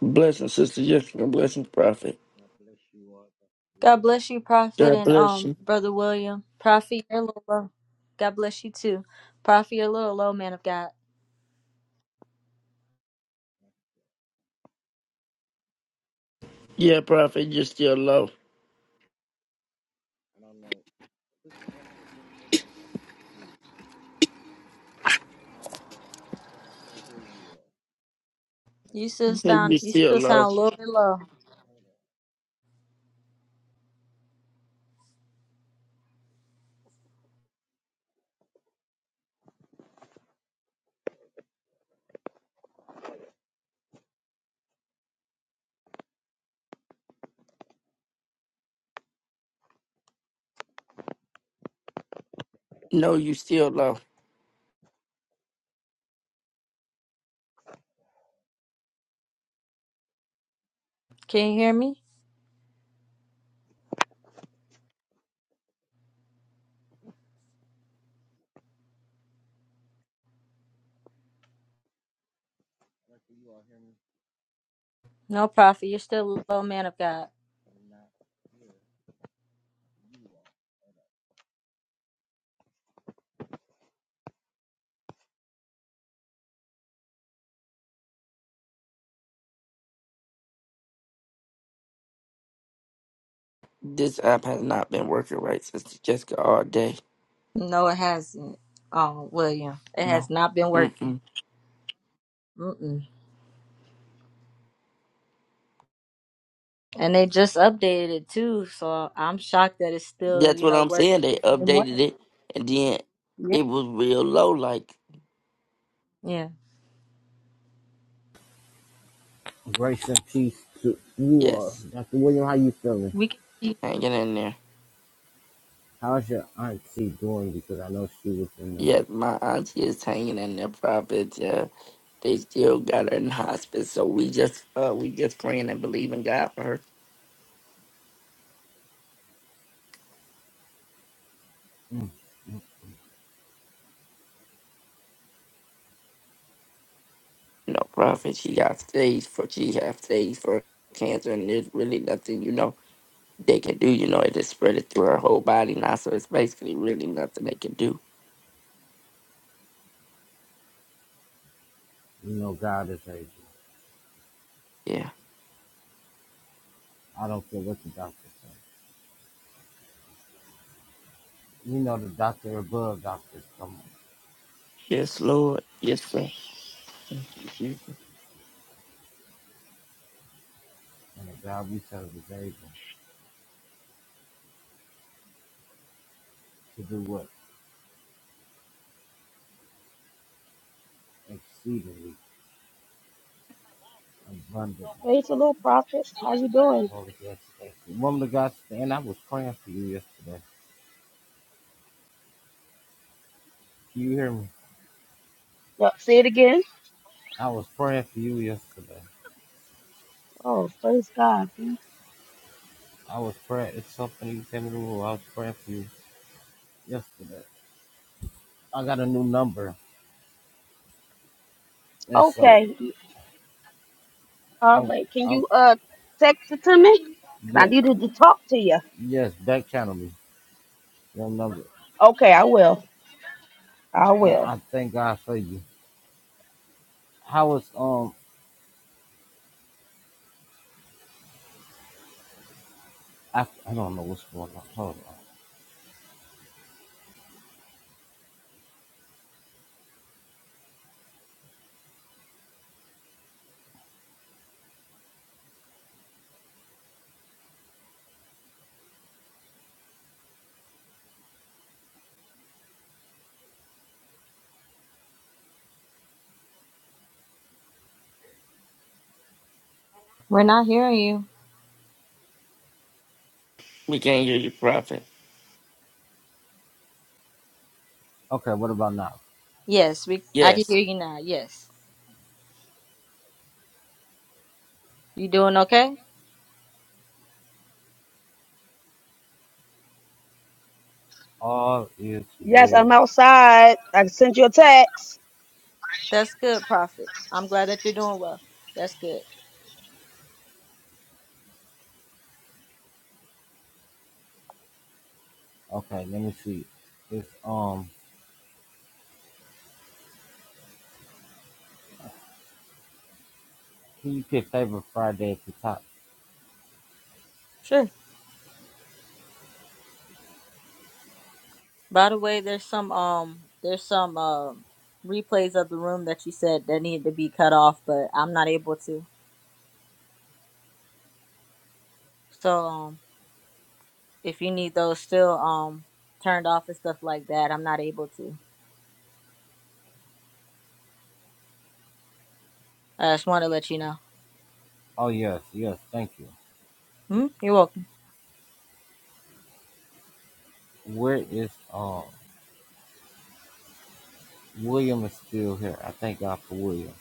Blessing, Sister Jessica. Blessing, Prophet. God bless you, Prophet, God and bless um, you. Brother William. Prophet, you're a little low. God bless you too. Prophet, you're a little low, man of God. Yeah, Prophet, you're still low. You still sound, You're you still still low. sound a little bit low. No, you still low. Can you hear me? No, Prophet, you're still a low, man of God. This app has not been working right, Sister Jessica, all day. No, it hasn't. Um, William, it has No. not been working. Mm-mm. Mm-mm. And they just updated it too, so I'm shocked that it's still, That's you what know, I'm saying. working They the same way. updated it, and then Yeah. it was real low, like, Yeah. yes, We can. hanging in there. Yes, my auntie is hanging in there, Prophet. Yeah, they still got her in hospice, so we just, uh, we just praying and believing God for her. You know, Prophet, she got stage for she have stage for cancer, and there's really nothing you know they can do. You know, it just spread it through her whole body now, so it's basically really nothing they can do. You know God is able. Yeah. I don't care what the doctor says. You know the doctor above doctors. Come on. Yes, Lord. Yes, sir. Thank you, Jesus. And the God we serve is able to do what? Exceedingly, abundantly. Praise the Lord, prophet. How you doing? What was yesterday? The woman of God said, and I was praying for you yesterday. Can you hear me? Well, say it again. I was praying for you yesterday. Oh, praise God. I was praying. It's something you came in the room. I was praying for you yesterday. I got a new number. And so, Okay. All I, right. Can I, you uh text it to me? I yeah, needed to talk to you. yes, back channel me your number. Okay, I will. I And will. I thank God for you. How is um? I, I don't know what's going on. Hold on. We're not hearing you. We can't hear you, Prophet. Okay, what about now? Yes, we. I can Yes. hear you now. Yes. You doing okay? All is Yes, I'm well. outside. I sent you a text. That's good, Prophet. I'm glad that you're doing well. That's good. Okay, let me see. It's um. Can you pick favorite Friday at the top? Sure. By the way, there's some um there's some um replays of the room that you said that needed to be cut off, but I'm not able to. So um if you need those still um turned off and stuff like that, I'm not able to. I just want to let you know. Oh yes, yes. Thank you. Hmm? You're welcome. Where is um? William is still here. I thank God for William.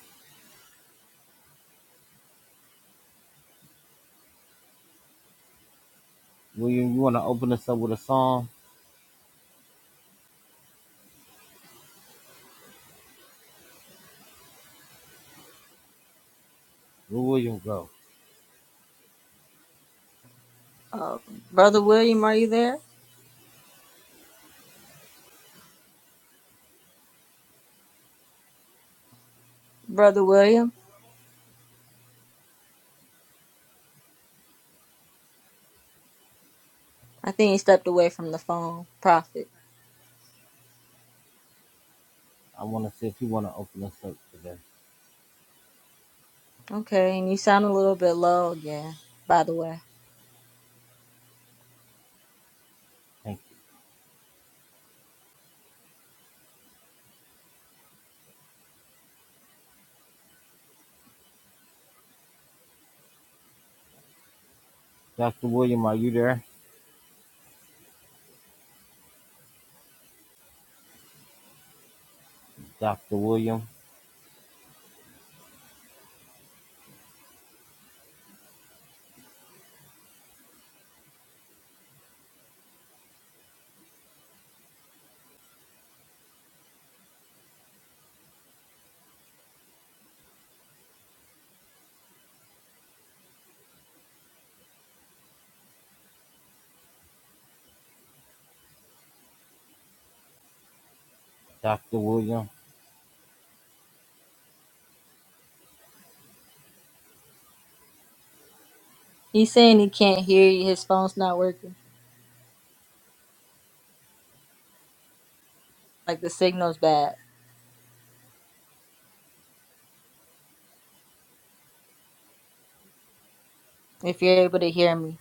William, you want to open us up with a song? Where William go? Uh, Brother William, are you there? Brother William? I think he stepped away from the phone. Prophet. I want to see if you want to open us up today. Okay, and you sound a little bit low again, by the way. Thank you. Dr. William, are you there? Dr. William? Dr. William? He's saying he can't hear you. His phone's not working. Like the signal's bad. If you're able to hear me,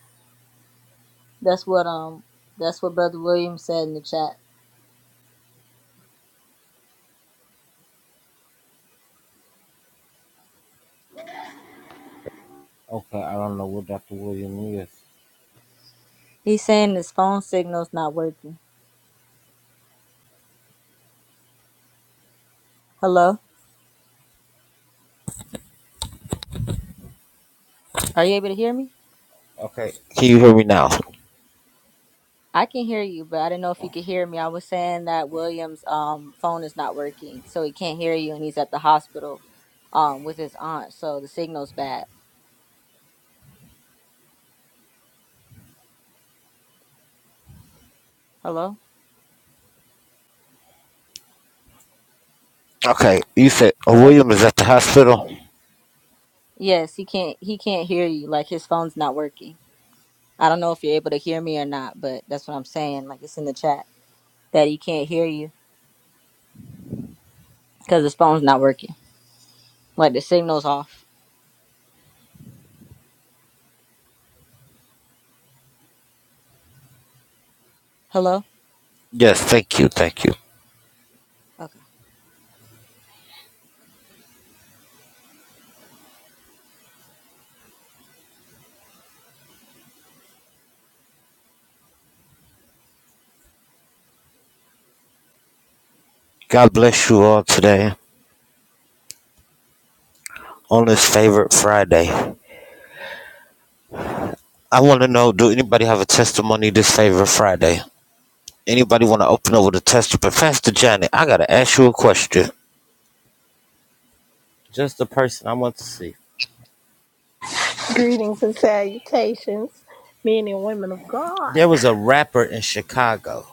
that's what um that's what Brother William said in the chat. Okay, I don't know what Dr. William is. He's saying his phone signal's not working. Hello, are you able to hear me? Okay. I can hear you, but I didn't know if you could hear me. I was saying that William's um phone is not working, so he can't hear you, and he's at the hospital, um with his aunt, so the signal's bad. Hello, hello. Yes, he can't he can't hear you. Like his phone's not working. I don't know if you're able to hear me or not, but that's what I'm saying. Like it's in the chat that he can't hear you because his phone's not working. Like the signal's off. Hello? Yes, thank you, thank you. Okay. God bless you all today on this favorite Friday. I want to know, do anybody have a testimony this favorite Friday? Anybody want to open up with a testimony? Pastor Johnny, I gotta ask you a question. Just the person I want to see. Greetings and salutations, men and women of God. There was a rapper in Chicago,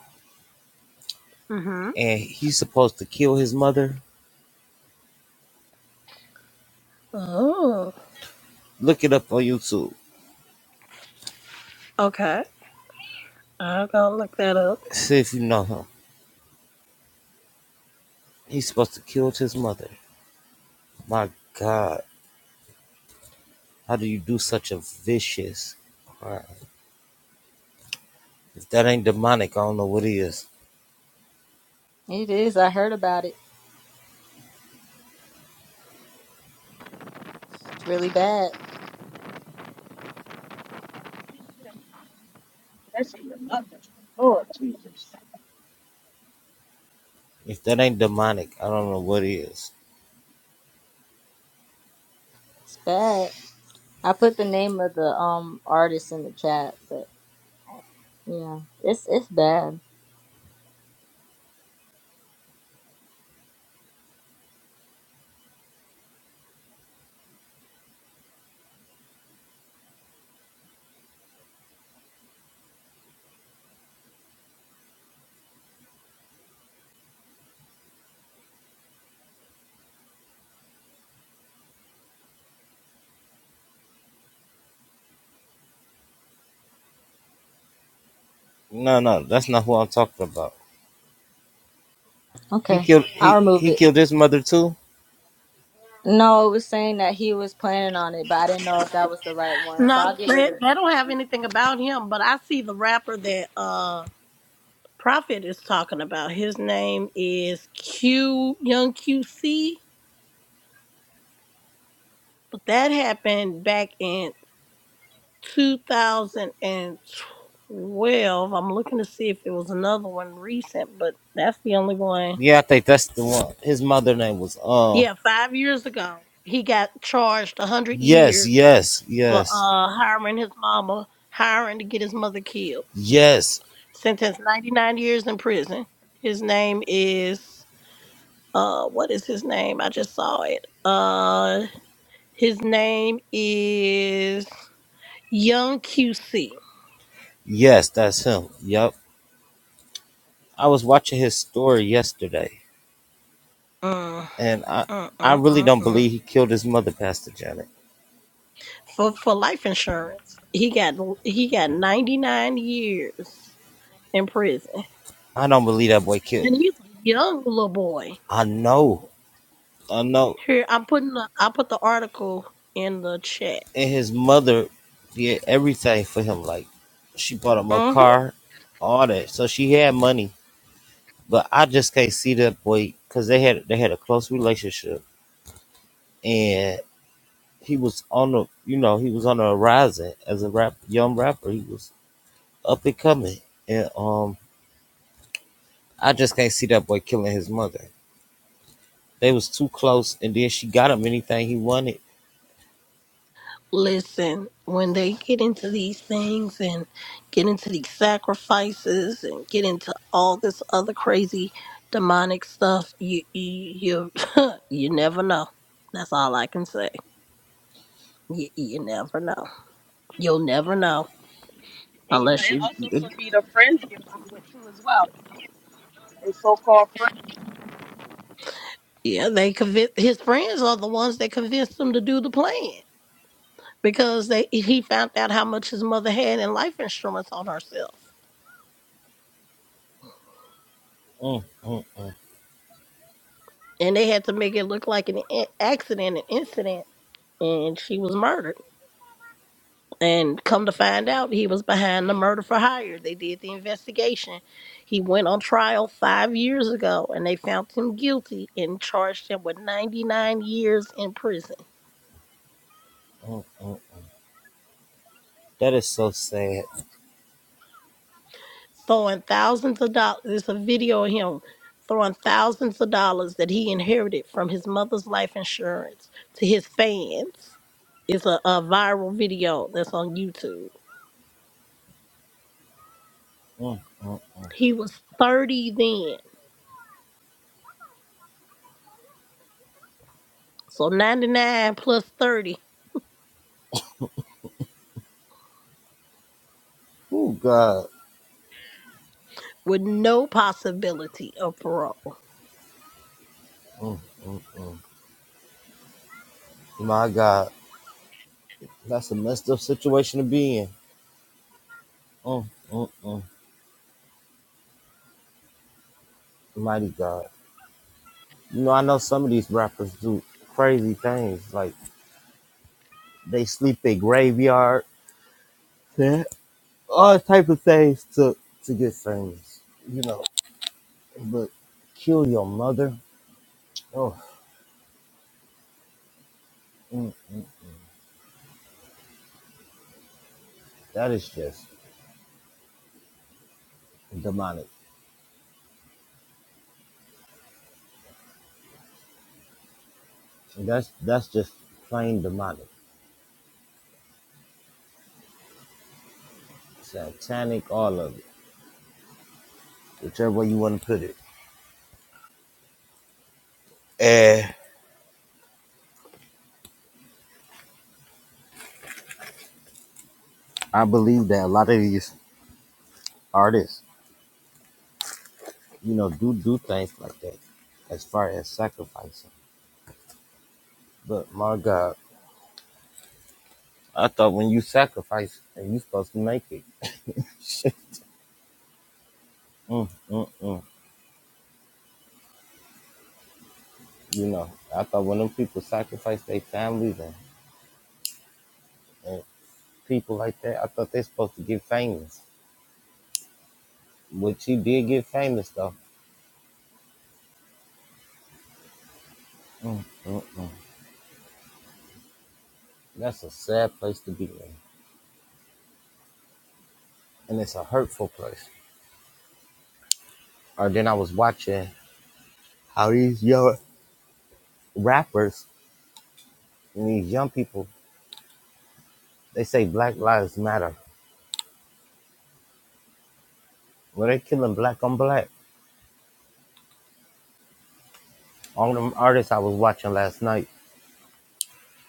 Mm-hmm. and he's supposed to kill his mother. Oh, Look it up on YouTube. okay. I'm gonna look that up. See if you know him. He's supposed to kill his mother. My God, how do you do such a vicious crime? If that ain't demonic, I don't know what is. It is. I heard about it. It's really bad. That's Lord Jesus. If that ain't demonic, I don't know what is. It's bad. I put the name of the um artist in the chat, but yeah, it's it's bad. No, no, that's not who I'm talking about. He Okay. killed I'll he remove he it. killed his mother too. No, it was saying that he was planning on it, but I didn't know if that was the right one. So No, I'll get rid they, of it. they don't have anything about him, but I see the rapper that uh Prophet is talking about. His name is Q Young QC, but that happened back in 2012. I'm looking to see if it was another one recent, but that's the only one Yeah, I think that's the one. His mother name was uh Yeah, five years ago, he got charged a hundred yes, years yes, for yes, uh hiring his mama, hiring to get his mother killed. yes, Sentenced ninety nine years in prison. His name is uh what is his name? I just saw it. Uh his name is Young QC. yes. That's him. Yep. I was watching his story yesterday, Uh, and I uh, I uh, really uh, don't uh. believe he killed his mother, Pastor Janet. For for life insurance. He got he got ninety nine years in prison. I don't believe that boy killed. And he's a young little boy. I know, I know. Here, I'm putting the, I put the article in the chat. and his mother did everything for him. Like she bought him a hmm car, all that. So she had money, but I just can't see that boy because they had they had a close relationship, and he was on the you know he was on the horizon as a rap young rapper. He was up and coming, and um I just can't see that boy killing his mother. They was too close, and then she got him anything he wanted. Listen, when they get into these things and get into these sacrifices and get into all this other crazy demonic stuff, you you you, you never know. That's all I can say. You, you never know. You'll never know And you know, unless it you, also you could be the friends you're with too as well. The so-called friends. yeah. They convince his friends are the ones that convinced him to do the plan. because they he found out how much his mother had in life insurance on herself, Mm, mm, mm, and they had to make it look like an in- accident, an incident, and she was murdered. And come to find out, he was behind the murder for hire. They did the investigation. He went on trial five years ago, and they found him guilty and charged him with ninety nine years in prison. mm, mm, mm. That is so sad. throwing thousands of dollars. There's a video of him throwing thousands of dollars that he inherited from his mother's life insurance to his fans. It's a, a viral video that's on YouTube. Mm, mm, mm. He was 30 then, so 99 plus 30 Oh God. with no possibility of parole. Mm, mm, mm. My God, that's a messed up situation to be in. Mm, mm, mm. Mighty God. You know, I know some of these rappers do crazy things, like they sleep at graveyard, yeah, all type of things to to get famous. You know, but kill your mother. Oh, mm, mm, mm. that is just demonic. That's that's just plain demonic, satanic, all of it, whichever way you want to put it. I believe that a lot of these artists. you know, do do things like that as far as sacrificing. But my God, I thought when you sacrifice and you supposed to make it. mm, mm, mm. You know, I thought when them people sacrifice their families and, and people like that, I thought they supposed to get famous. But she did get famous though. Mm, mm, mm. That's a sad place to be in. And it's a hurtful place. Or then I was watching how these young rappers and these young people, they say Black Lives Matter Well, they killing black on black. All them artists I was watching last night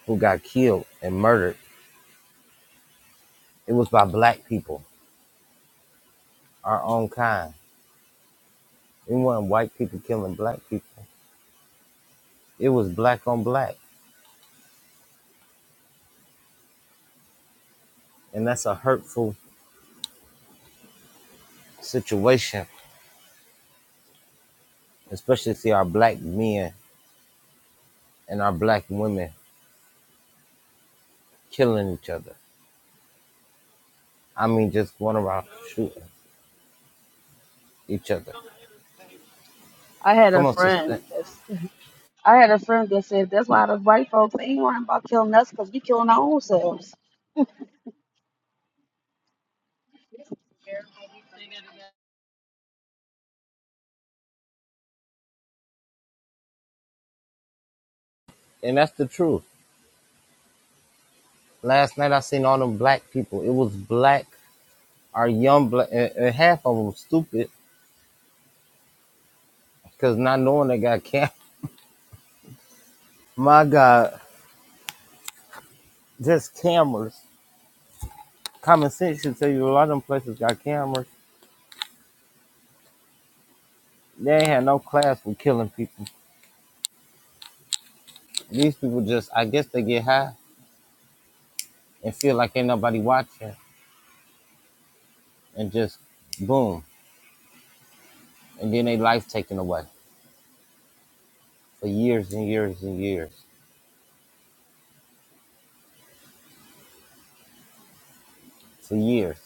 who got killed and murdered, it was by black people, our own kind. It wasn't white people killing black people. It was black on black. And that's a hurtful situation, especially to see our black men and our black women killing each other. I mean, just going around shooting each other. I had a Come on, sister. friend. that's- I had a friend that said that's why the white folks ain't worrying about killing us because we killing our own selves. And that's the truth. Last night I seen all them black people. It was black, our young black, and, and half of them stupid Cause not knowing they got cam, my God, just cameras. Common sense should tell you a lot of them places got cameras. They ain't had no class for killing people. These people just, I guess they get high and feel like ain't nobody watching, and just boom, and then they life taken away for years and years and years, for years,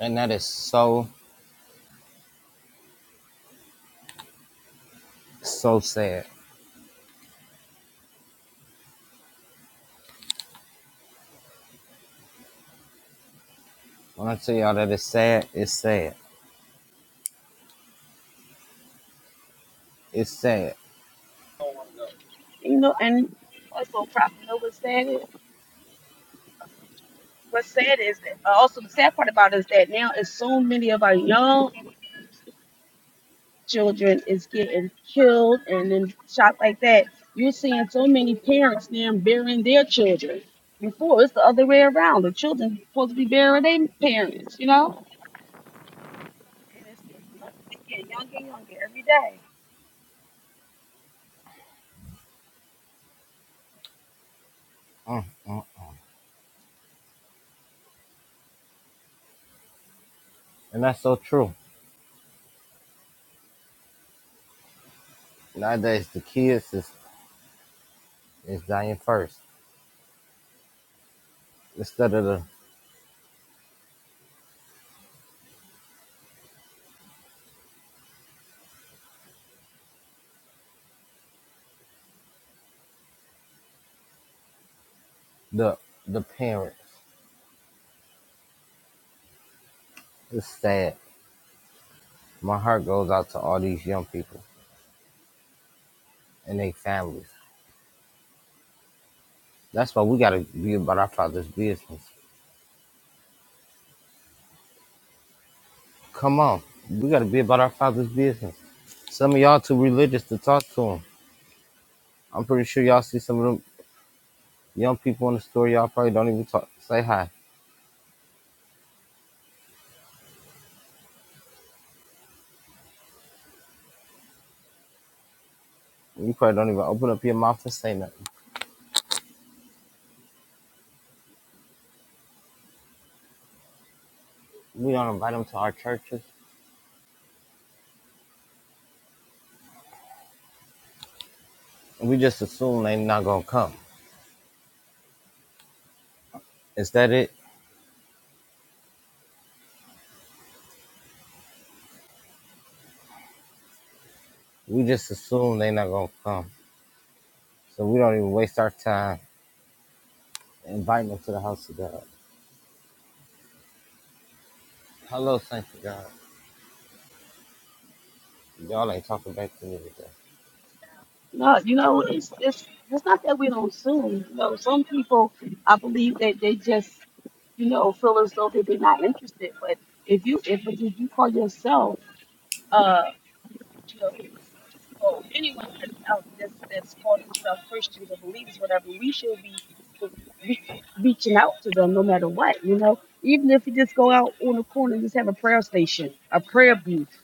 and that is so so sad. When I tell y'all that it's sad, it's sad, it's sad, You know, and what's so profitable? You know what's sad is? What's sad is that uh, also the sad part about it is that now is so many of our young children is getting killed and then shot like that. You're seeing so many parents now burying their children. Before it's the other way around. The children supposed to be burying their parents, you know? And it's getting, it's getting younger and younger every day. mm mm. and that's so true. Nowadays the kids is is dying first instead of the the the parents. It's sad. My heart goes out to all these young people and their families. That's why we gotta be about our father's business. Come on, we gotta be about our father's business. Some of y'all too religious to talk to them. I'm pretty sure y'all see some of them young people in the store. Y'all probably don't even talk, say hi. You probably don't even open up your mouth and say nothing. We don't invite them to our churches. We just assume they not gonna come. Is that it? We just assume they not gonna come. So we don't even waste our time Invite them to the house of God. Hello, thank you, God. Y'all ain't talking back to me today. No, you know, it's it's it's not that we don't sue. You know, some people I believe that they just, you know, feel as though that they're not interested. But if you if, if you call yourself uh you know, or anyone out that's that's called themselves Christians or believers, whatever, we should be re- reaching out to them no matter what, you know. Even if you just go out on the corner and just have a prayer station, a prayer booth,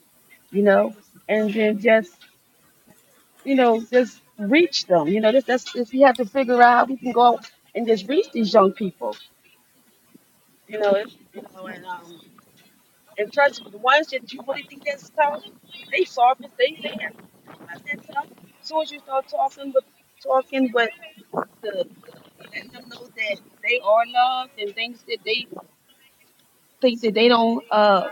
you know, and then just you know, just reach them. You know, this that's if you have to figure out, how we can go out and just reach these young people. You know, it's, you know, and um, and trust me, the ones that you really think that's talented, they soft as they there. Let that tough. As soon as you start talking with talking with the let them know that they are loved and things that they think that they don't. uh,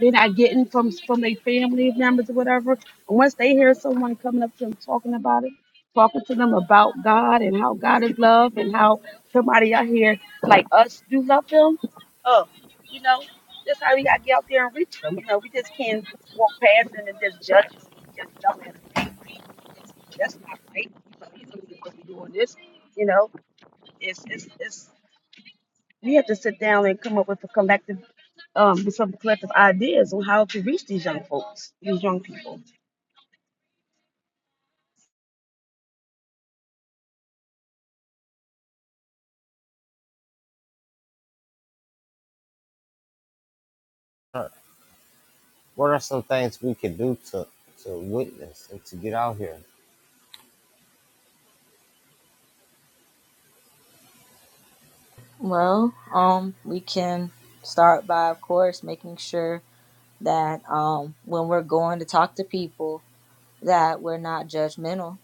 they're not getting from from their family members or whatever. And once they hear someone coming up to them talking about it, talking to them about God and how God is love and how somebody out here like us do love them, oh, you know, that's how we gotta get out there and reach them. You know, we just can't walk past them and just judge them, just tell them, hey, that's not right. You know, you don't need to be doing this. You know, it's it's it's we have to sit down and come up with a collective, um, with some collective ideas on how to reach these young folks, these young people. All right, What are some things we can do to to witness and to get out here? Well, um, we can start by, of course, making sure that um, when we're going to talk to people that we're not judgmental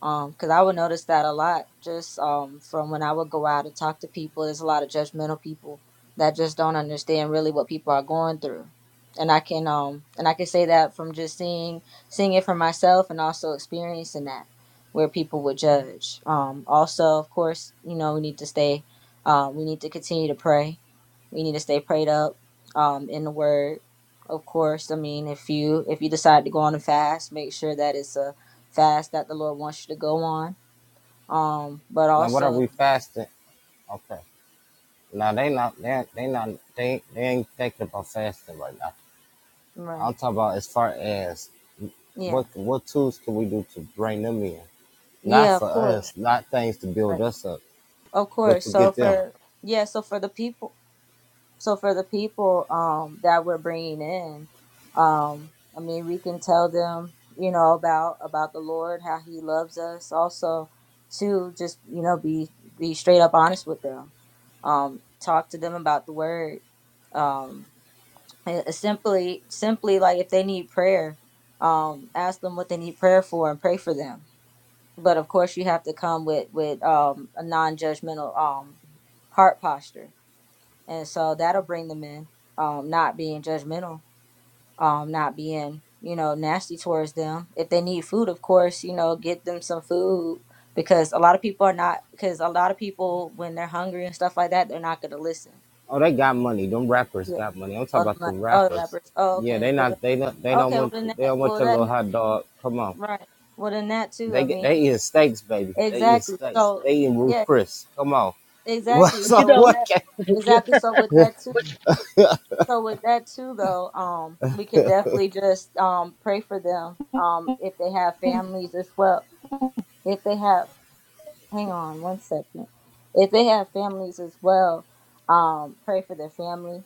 um, 'cause I would notice that a lot just um from when I would go out and talk to people. There's a lot of judgmental people that just don't understand really what people are going through. And I can um and I can say that from just seeing seeing it for myself and also experiencing that where people would judge. Um also of course, you know, we need to stay um we need to continue to pray. We need to stay prayed up um in the word. Of course, I mean if you if you decide to go on a fast, make sure that it's a fast that the Lord wants you to go on. Um, but Now, what are also, we fasting? Okay. Now they not they they not they they ain't thinking about fasting right now. right? I'm talking about as far as Yeah, what what tools can we do to bring them in? Not yeah, of for course, us, not things to build right, us up, of but course. to So get them. for yeah, so for the people, so for the people um that we're bringing in, um, I mean, we can tell them, you know, about about the Lord, how He loves us. Also, to just you know be be straight up honest with them. Um, talk to them about the Word. Um, Uh, simply simply like if they need prayer um ask them what they need prayer for and pray for them but of course you have to come with with um a non-judgmental um heart posture and so that'll bring them in um not being judgmental um not being you know nasty towards them if they need food of course you know get them some food because a lot of people are not because a lot of people when they're hungry and stuff like that they're not going to listen Oh, they got money. Them rappers yeah got money. I'm talking oh the about the mon- oh the rappers. rappers oh Yeah, okay they well not. They not. They don't Okay, well want. then They that, don't want well your little then, hot dog. Come on. right. Well then that too. They I get. mean, They eating steaks, baby. They eating exactly. steaks. So They eating Ruth yeah, Chris. Come on. What? exactly. But So you So with know, what? that, Can, exactly. So with that too. So with that too, though, um, we could definitely just um pray for them. Um, if they have families as well, if they have hang on one second. If they have families as well, um, pray for their family.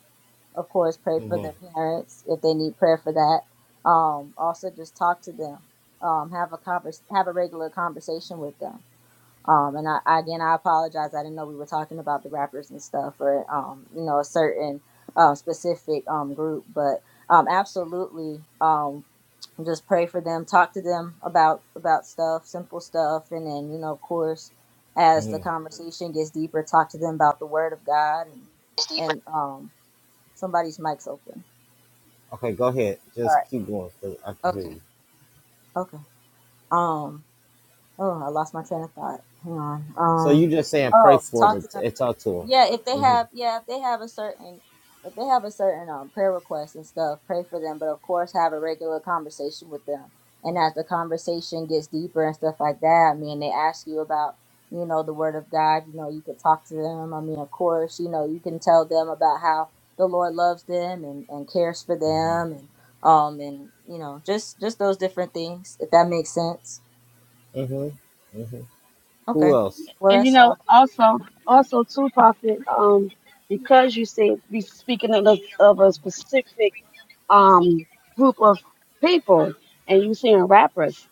Of course, pray for mm-hmm, their parents if they need prayer for that. Um, also, just talk to them. Um, have a convers- have a regular conversation with them. Um, and I again, I apologize. I didn't know we were talking about the rappers and stuff, or um, you know, a certain um, specific um group. But um, absolutely, um, just pray for them. Talk to them about about stuff, simple stuff, and then you know, of course, as the mm-hmm. conversation gets deeper, talk to them about the Word of God. And, 60 and um, somebody's mic's open. Okay, go ahead. All Just keep going. 'cause I can right. hear Okay. you. Okay. Um. Oh, I lost my train of thought. Hang on. So Um. you just saying pray Oh, for talk them to them. and, and talk to Yeah, if they them. have, yeah, if they have a certain, if they have a certain um prayer request and stuff, pray for them. But of course, have a regular conversation with them. And as the conversation gets deeper and stuff like that, I mean, they ask you about, you know, the Word of God. You know, you could talk to them. I mean, of course, you know, you can tell them about how the Lord loves them and and cares for hmm them, and um, and you know, just just those different things. If that makes sense. hmm hmm hmm Okay. Who else? Well, And you that's know, all. also, also too, Prophet, um, because you said be speaking of, of a specific um group of people, and you saying rappers,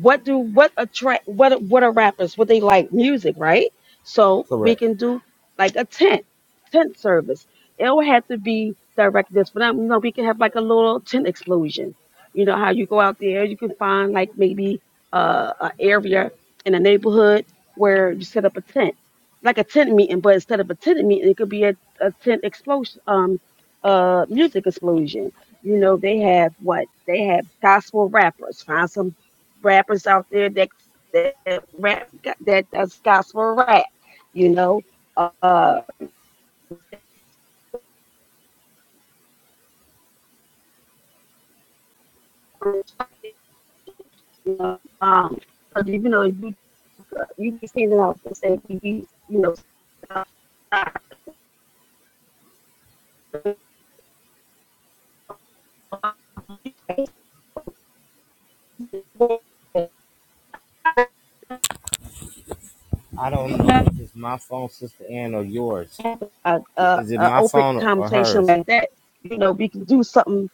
what do what attract what what are rappers? What they like music, right? So we Correct. can do like a tent tent service. It don't have to be direct this, but you know, we can have like a little tent explosion. You know how you go out there, you can find like maybe uh, a area in a neighborhood where you set up a tent, like a tent meeting, but instead of a tent meeting, it could be a, a tent explosion, um, uh, music explosion. You know, they have what they have gospel rappers. Find some rappers out there that that rap that does gospel rap. You know, uh, you know, um, but you know, if you uh, you be standing out and say you be, you know, uh, I don't know if it's my phone, Sister Ann, or yours. uh, Is it a my open phone or conversation hers? like that. You know, we can do something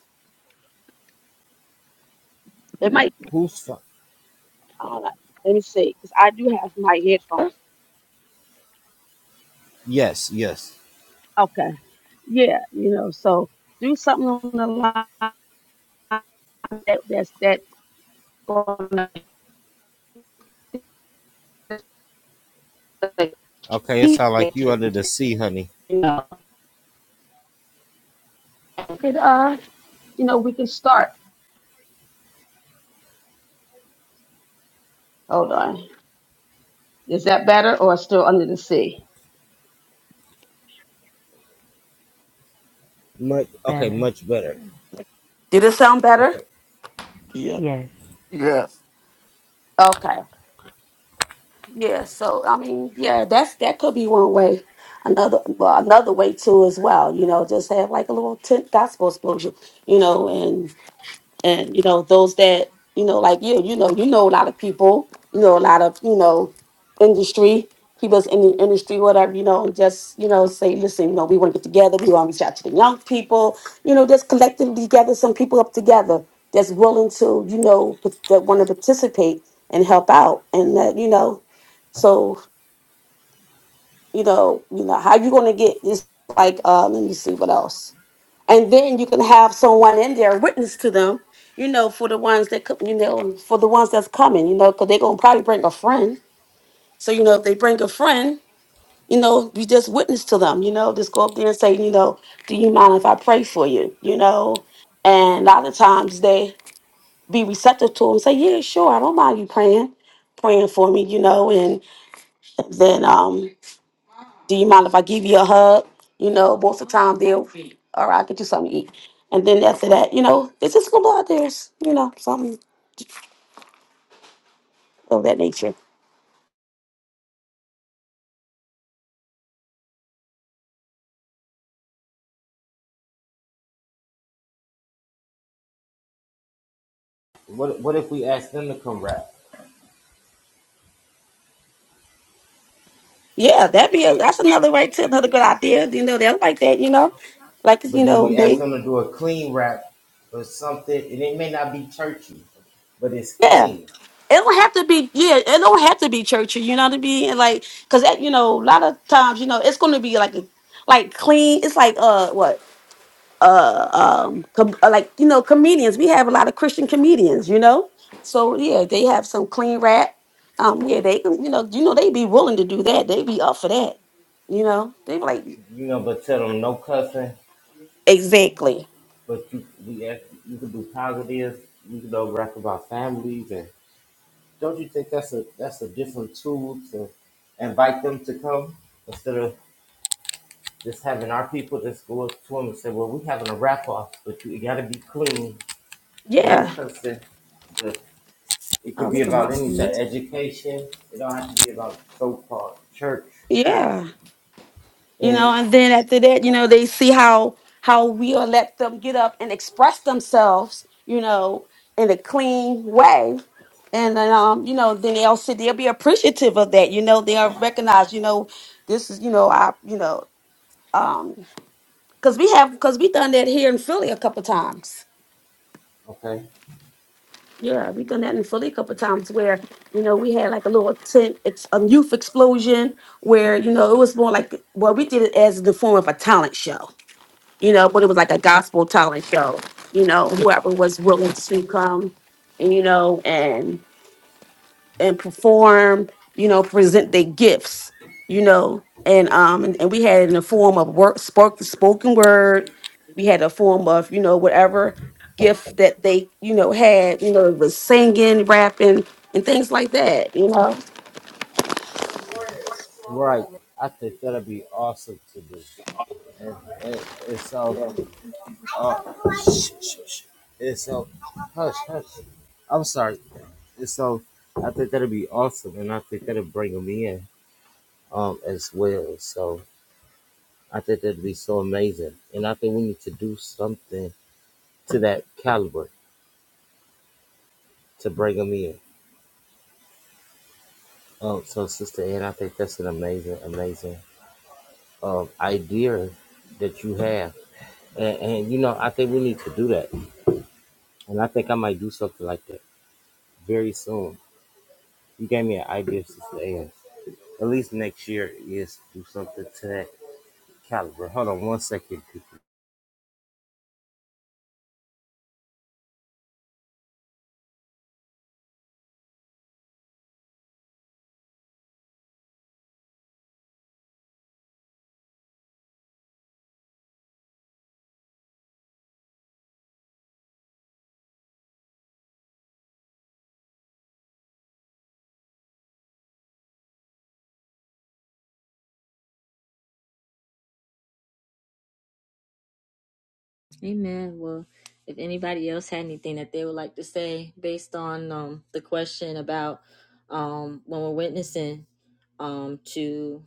It might. Whose phone? Uh, let me see, because I do have my headphones. Yes, yes. Okay. Yeah. You know, so do something on the line that, that's that's going to Okay, it keep sounds the like you under attention. the sea, honey. You know, Could, uh, you know, we can start. Hold on. Is that better or still under the sea? Much okay, Better. much better. Did it sound better? Okay. Yep. Yes. Yes. Okay. Yeah. So I mean, yeah, that's that could be one way. Another well, another way too as well. You know, just have like a little tent gospel explosion. You know, and you know those that you know like you you know you know a lot of people you know a lot of you know industry people's in the industry whatever you know just you know say listen you know we want to get together we want to reach out to the young people you know just collectively gather some people up together that's willing to you know pa- that want to participate and help out and that you know so you know you know how you going to get this like uh let me see what else and then you can have someone in there witness to them you know for the ones that could you know for the ones that's coming you know because they're gonna probably bring a friend so you know if they bring a friend you know you just witness to them you know just go up there and say you know do you mind if i pray for you you know and a lot of times they be receptive to them say yeah sure i don't mind you praying praying for me you know and then um. Do you mind if I give you a hug? You know, most of the time they'll, all right, I'll get you something to eat. And then after that, you know, they just gonna go out there, you know, something of that nature. What what if we ask them to come rap, Yeah, that'd be a, that's another right to another good idea. You know, they'll like that, you know. Like but you then know, we ask they them to do a clean rap or something, and it may not be churchy, but it's yeah. clean, It don't have to be yeah, it don't have to be churchy, you know what I mean? And like cause that, you know, a lot of times, you know, it's gonna be like a like clean, it's like uh what? uh, um, com- uh, like you know, comedians. We have a lot of Christian comedians, you know. So yeah, they have some clean rap. Um, yeah, they can, you know, you know, they be willing to do that. They be up for that, you know. They be like you know. But tell them no cussing. exactly, But you we ask, you can do positive. You can do rap about families, and don't you think that's a that's a different tool to invite them to come instead of just having our people just go up to them and say, well, we're having a wrap off, but you, got to be clean, no yeah. cussing. But It Oh, could be look at about my, anything, mhm. education. It don't have to be about so-called church. yeah. you know And and then after that you know they see how how we'll let them get up and express themselves you know in a clean way and then um you know then they'll sit they'll be appreciative of that you know they'll recognize you know this is you know i you know um because we have because we done that here in philly a couple times okay, yeah we done that in philly a couple times where you know we had like a little tent it's a youth explosion where you know it was more like well we did it as the form of a talent show you know, but it was like a gospel talent show, you know, whoever was willing to come, you know, and and perform, you know, present their gifts, you know, and um and, and we had in the form of work spoke spoken word, we had a form of, you know, whatever gift that they, you know, had, you know, it was singing, rapping, and things like that, you know. right. I think that'll be awesome to do. And, and, and so, uh, and so, hush, hush. I'm sorry. And so, I think that'll be awesome, and I think that'll bring them in um, as well. So. I think that'd be so amazing. And I think we need to do something to that caliber to bring them in. Um, so, Sister Ann, I think that's an amazing, amazing um, idea that you have. And, and, you know, I think we need to do that. And I think I might do something like that very soon. You gave me an idea, Sister Ann. At least next year is do something to that caliber. Hold on one second, people. Amen. Well, if anybody else had anything that they would like to say based on um, the question about um, when we're witnessing um, to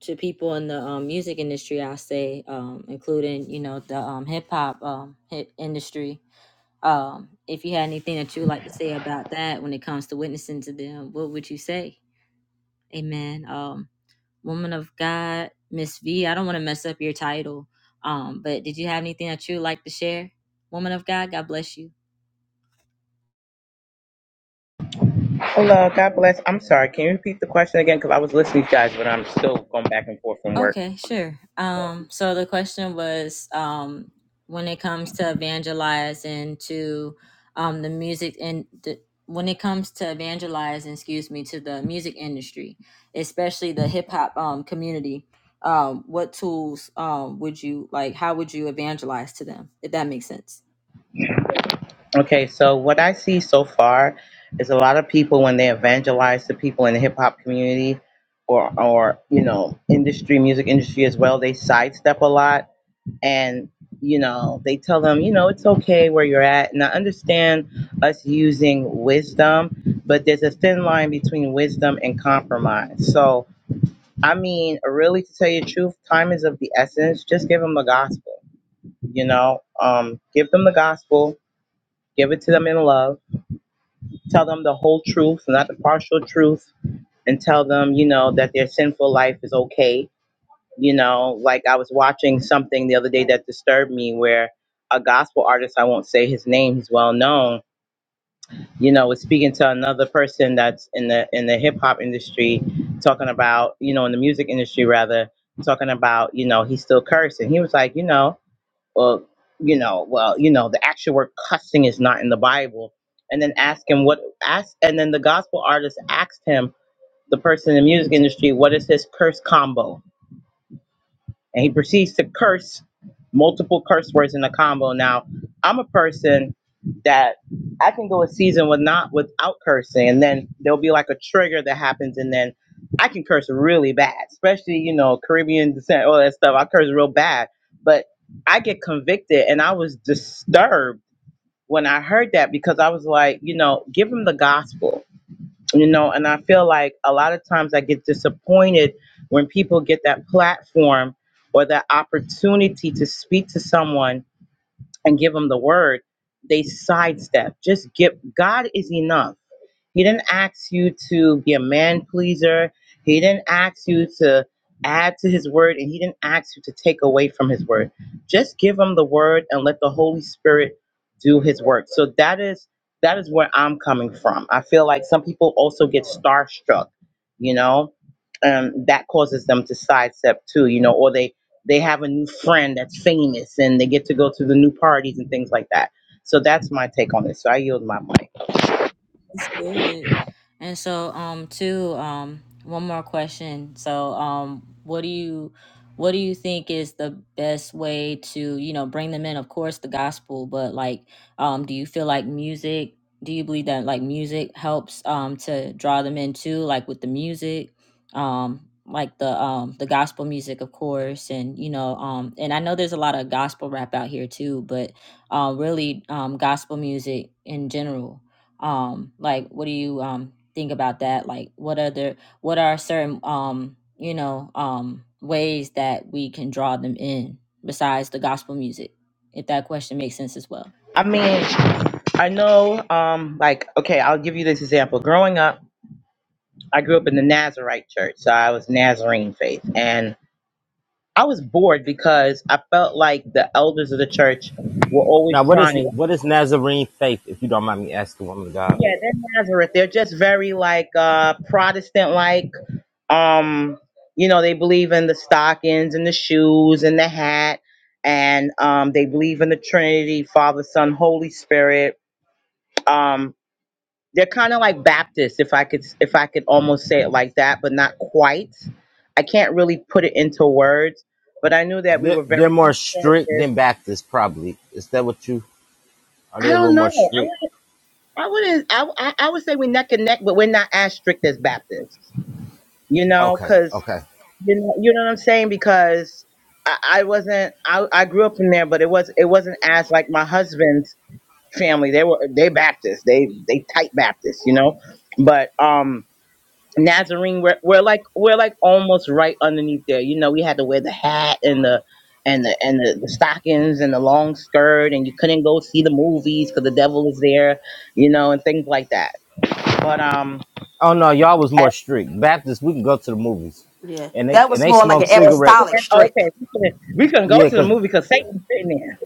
to people in the um, music industry, I say, um, including you know the um, hip hop um, hip industry. Um, if you had anything that you would like to say about that when it comes to witnessing to them, what would you say? Amen. Um, woman of God, Miss V. I don't want to mess up your title. Um, but did you have anything that you would like to share, woman of God? God bless you. Hello, God bless. I'm sorry. Can you repeat the question again? Because I was listening to you guys, but I'm still going back and forth from work. Okay, sure. Um, so the question was, um, when it comes to evangelizing to, um, the music and the, when it comes to evangelizing, excuse me, to the music industry, especially the hip hop um community, um, what tools um, would you like? How would you evangelize to them? If that makes sense. Okay, so what I see so far is a lot of people when they evangelize to people in the hip hop community or or you know industry, music industry as well, they sidestep a lot, and you know they tell them you know it's okay where you're at. And I understand us using wisdom, but there's a thin line between wisdom and compromise. So I mean, really, to tell you the truth, time is of the essence. Just give them the gospel, you know? Um, give them the gospel, give it to them in love, tell them the whole truth, not the partial truth, and tell them, you know, that their sinful life is okay. You know, like I was watching something the other day that disturbed me where a gospel artist, I won't say his name, he's well known, you know, was speaking to another person that's in the in the hip hop industry, talking about you know in the music industry rather, talking about you know he's still cursing. He was like, you know, well, you know, well, you know, the actual word cussing is not in the Bible. And then ask him what ask, and then the gospel artist asked him, the person in the music industry, what is his curse combo? and he proceeds to curse multiple curse words in a combo. Now, I'm a person that I can go a season with not without cursing, and then there'll be like a trigger that happens, and then I can curse really bad, especially you know Caribbean descent, all that stuff. I curse real bad, but I get convicted, and I was disturbed when I heard that because I was like, you know, give him the gospel you know and i feel like a lot of times i get disappointed when people get that platform or that opportunity to speak to someone and give them the word they sidestep just give god is enough he didn't ask you to be a man pleaser. He didn't ask you to add to his word, and he didn't ask you to take away from his word. Just give him the word and let the Holy Spirit do his work. So that is that is where I'm coming from. I feel like some people also get starstruck, you know, and that causes them to sidestep too, you know, or they they have a new friend that's famous and they get to go to the new parties and things like that. So that's my take on this. So I yield my mic. That's good. And so, um, too um, one more question. So, um, what do you, what do you think is the best way to, you know, bring them in? Of course, the gospel, but like, um, do you feel like music? Do you believe that like music helps, um, to draw them in too, like with the music, um, like the um the gospel music, of course, and you know, um, and I know there's a lot of gospel rap out here too, but um, really um, gospel music in general um like what do you um think about that like what are the what are certain um you know um ways that we can draw them in besides the gospel music if that question makes sense as well I mean, I know, um, like, okay, I'll give you this example. Growing up, I grew up in the Nazarite church, so I was Nazarene faith, and I was bored because I felt like the elders of the church were Now, always what is trying to, what is Nazarene faith, if you don't mind me asking, woman of God? yeah, they're Nazareth. They're just very like uh, Protestant, like, um, you know, they believe in the stockings and the shoes and the hat, and um, they believe in the Trinity, Father, Son, Holy Spirit. Um, they're kind of like Baptists, if I could if I could almost say it like that, but not quite. I can't really put it into words, but I knew that we They're, were they're very more strict than conservative. Baptists, probably. Is that what you are? They I a little don't know. more I strict. would I wouldn't I I, I would say we neck and neck, but we're not as strict as Baptists. You know, Okay, because okay. you know you know what I'm saying because. I I wasn't. I, I grew up in there, but it was it wasn't as like my husband's family. They were they Baptists. They they tight Baptists, you know. But um, Nazarene, we're, we're like we're like almost right underneath there. You know, we had to wear the hat and the and the and the, the stockings and the long skirt, and you couldn't go see the movies because the devil is there, you know, and things like that. But um, Oh no, y'all was at- more strict. Baptists, we can go to the movies, Yeah. and they That and was they more like smoke an oh, cigarettes. apostolic strip. okay, we couldn't, we couldn't go Yeah, to the cause movie because Satan's sitting there.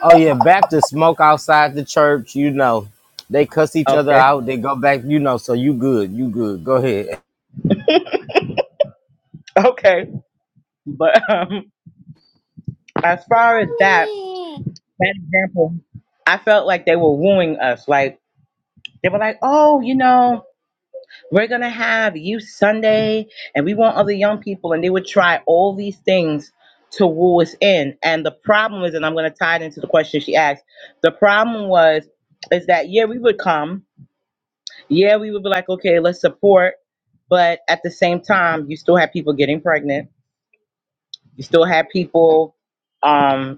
oh yeah, Baptists smoke outside the church. You know, they cuss each other Okay, out. They go back. You know, so you good, you good. Go ahead. okay, but um, as far as that that example, I felt like they were wooing us. Like they were like, oh, you know. We're going to have Youth Sunday, and we want other young people, and they would try all these things to woo us in. And the problem is, and I'm going to tie it into the question she asked, the problem was, is that, yeah, we would come. Yeah, we would be like, okay, let's support. But at the same time, you still have people getting pregnant. You still have people um,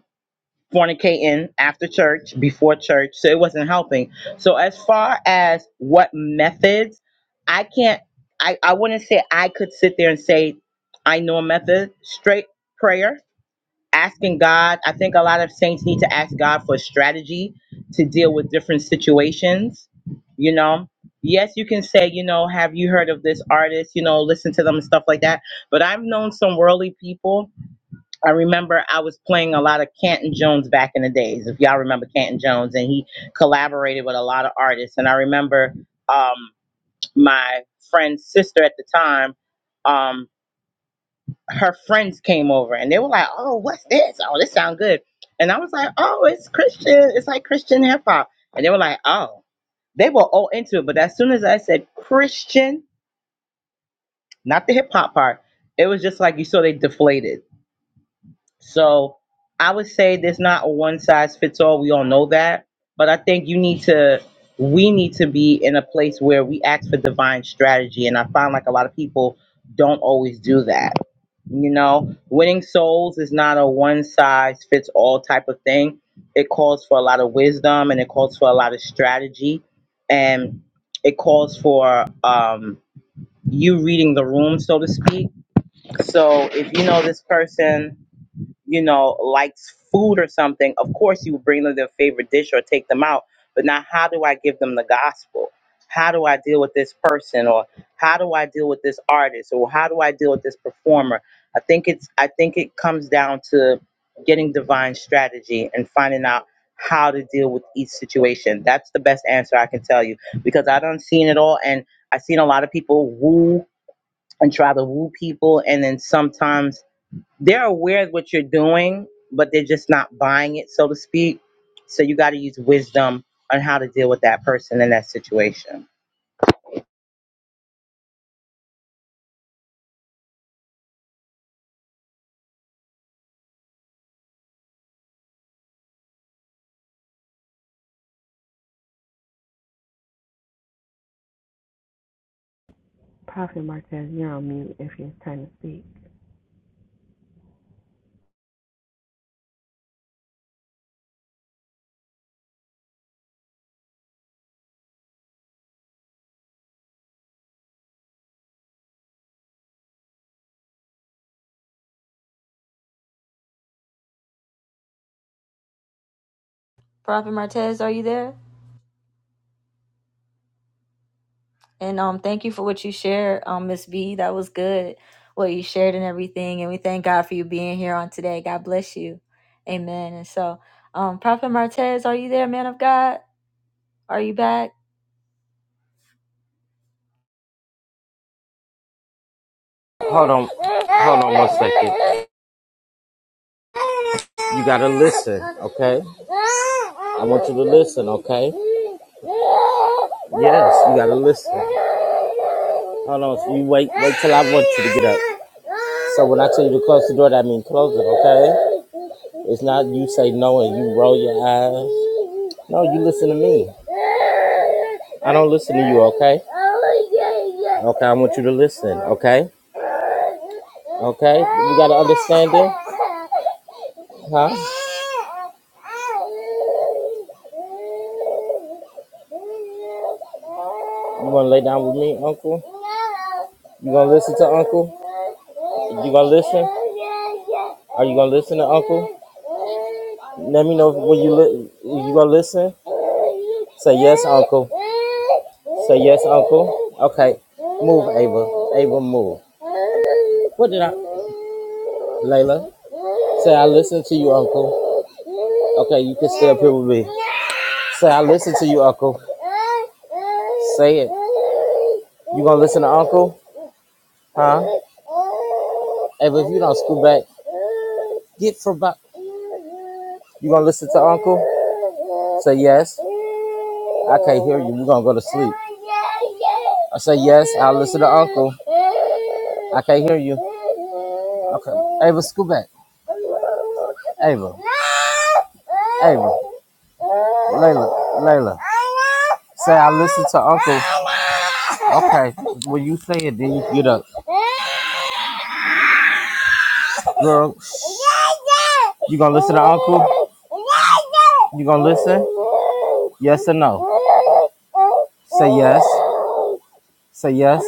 fornicating after church, before church, so it wasn't helping. So as far as what methods, I can't I, I wouldn't say I could sit there and say I know a method. Straight prayer, asking God. I think a lot of saints need to ask God for strategy to deal with different situations, you know. Yes, you can say, you know, have you heard of this artist? You know, listen to them and stuff like that. But I've known some worldly people I remember I was playing a lot of Canton Jones back in the days, if y'all remember Canton Jones, and he collaborated with a lot of artists. And I remember um, my friend's sister at the time, um, her friends came over and they were like, "Oh, what's this? Oh, this sounds good." And I was like, "Oh, it's Christian. It's like Christian hip hop." And they were like, "Oh." They were all into it, but as soon as I said Christian, not the hip hop part, it was just like you saw they deflated So I would say there's not a one size fits all. We all know that. But I think you need to, we need to be in a place where we ask for divine strategy. And I find like a lot of people don't always do that. You know, winning souls is not a one size fits all type of thing. It calls for a lot of wisdom and it calls for a lot of strategy and it calls for um, you reading the room, so to speak. So if you know this person, you know, likes food or something, of course you bring them their favorite dish or take them out. But now, how do I give them the gospel? How do I deal with this person, or how do I deal with this artist, or how do I deal with this performer? I think it's I think it comes down to getting divine strategy and finding out how to deal with each situation. That's the best answer I can tell you because I don't seen it all, and I've seen a lot of people woo and try to woo people, and then sometimes they're aware of what you're doing, but they're just not buying it, so to speak. So you got to use wisdom on how to deal with that person in that situation. Prophet Martez, you're on mute if you're trying to speak. prophet martez are you there And um, thank you for what you shared, um, Miss B. That was good, what you shared and everything. And we thank God for you being here on today. God bless you. Amen. And so, um, Prophet Martez, are you there, man of God? Are you back? Hold on, hold on one second. You gotta listen, okay? I want you to listen, okay? Yes, you gotta listen. Hold on, so you wait, wait till I want you to get up. So when I tell you to close the door, that means close it, okay? It's not you say no and you roll your eyes. No, you listen to me. I don't listen to you, okay? Okay, I want you to listen, okay? Okay, you got to understand it. Huh? You wanna lay down with me, Uncle? You gonna listen to Uncle? You gonna listen? Are you gonna listen to Uncle? Let me know when you li- you gonna listen. Say yes, Uncle. Say yes, Uncle. Okay, move, Ava. Ava, move. What did I? Layla. Say, I listen to you, Uncle. Okay, you can stay up here with me. Say, I listen to you, Uncle. Say it. You gonna listen to Uncle? Huh? Hey, but if you don't scoot back, get for about. You gonna listen to Uncle? Say yes. I can't hear you. You gonna go to sleep? I say yes. I'll listen to Uncle. I can't hear you. Okay. Ava, scoot back. Ava. Ava. Layla. Layla. Say I listen to Uncle. Okay. When you say it, then you get up. Girl, you gonna listen to Uncle? You gonna listen? Yes or no? Say yes. Say yes.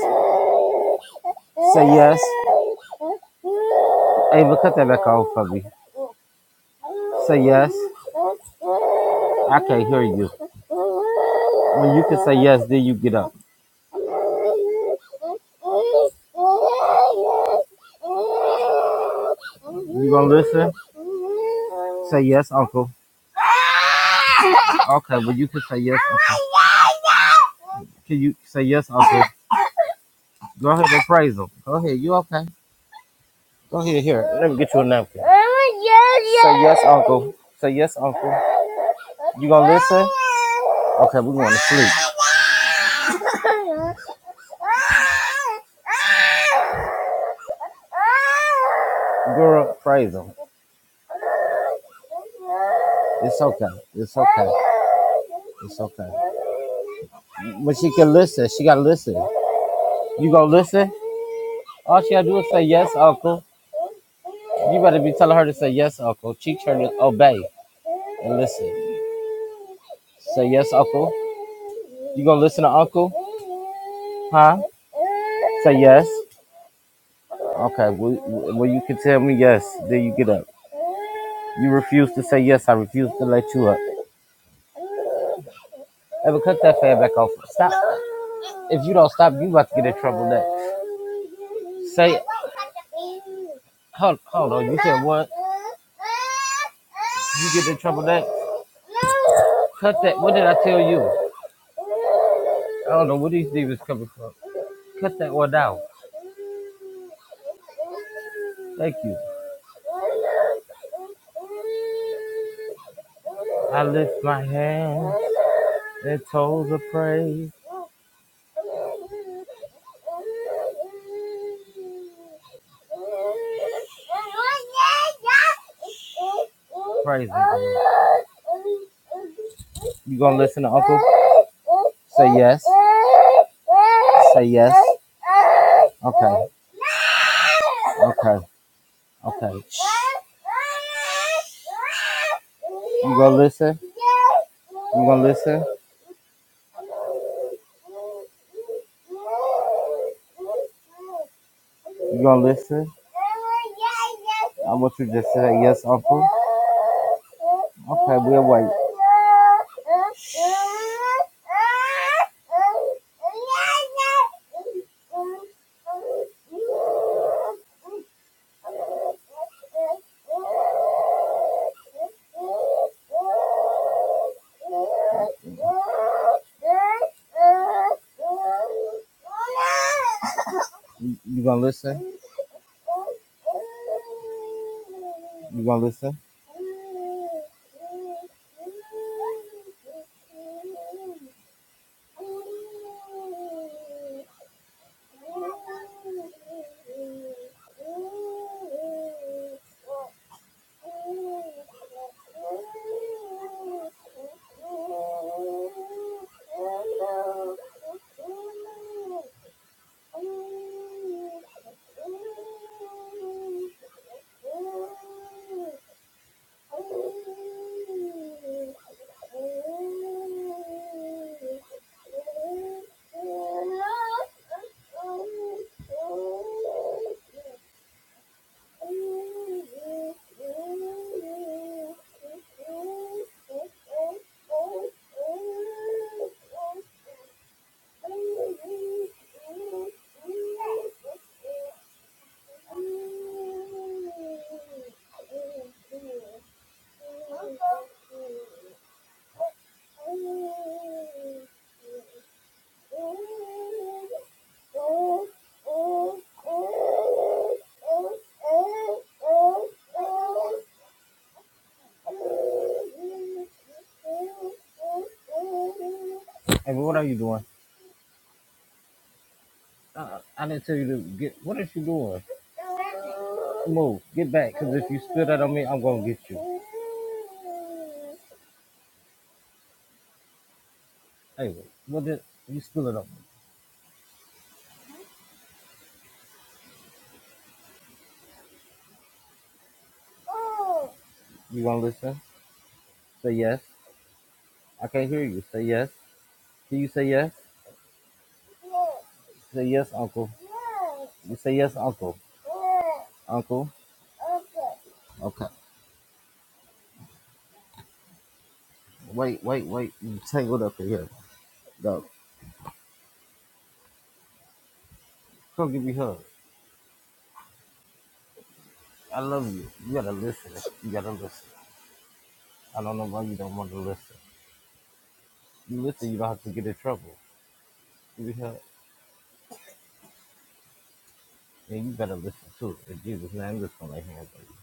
Say yes. Ava, cut that back off for me. Say yes. I can't hear you. When you can say yes, then you get up. You gonna listen? Say yes, Uncle. Okay, well you can say yes, Uncle. Can you say yes, Uncle? Go ahead and praise him. Go ahead. You okay? Go ahead. Here, let me get you a napkin. Say yes, Uncle. Say yes, Uncle. You gonna listen? Okay, we going to sleep. Girl, praise him. It's okay. It's okay. It's okay. But she can listen. She gotta listen. You gonna listen? All she gotta do is say yes, uncle. You better be telling her to say yes, uncle. Teach her to obey and listen. Say yes, uncle. You gonna listen to uncle? Huh? Say yes. Okay. Well, well, you can tell me yes. Then you get up. You refuse to say yes. I refuse to let you up. Ever cut that fan back off. Stop. If you don't stop, you about to get in trouble next. Say, hold, hold on. You said what? You get in trouble next. Cut that. What did I tell you? I don't know where these demons coming from. Cut that one out. Thank you. I lift my hands and told the praise. Praise the Lord. You gonna listen to Uncle? Say yes. Say yes. Okay. Okay. Okay. Shh. You gonna listen? You gonna listen? You gonna listen? I want you to just say that, yes, Uncle. Okay, we'll wait. You gonna listen? You gonna listen? Thank you. Get going. Oh, because if you spit, you. Huh? Say yes. I can't hear you. Say yes. Can you say yes? Say yes, uncle. You say yes, uncle. Uncle. Okay. Wait, wait, wait. You tangled up in here. No. Come give me a hug. I love you. You gotta listen. You gotta listen. I don't know why you don't want to listen. You listen, you don't have to get in trouble. Give me a hug. And you gotta listen too. In Jesus' name, I'm just gonna lay hands on you.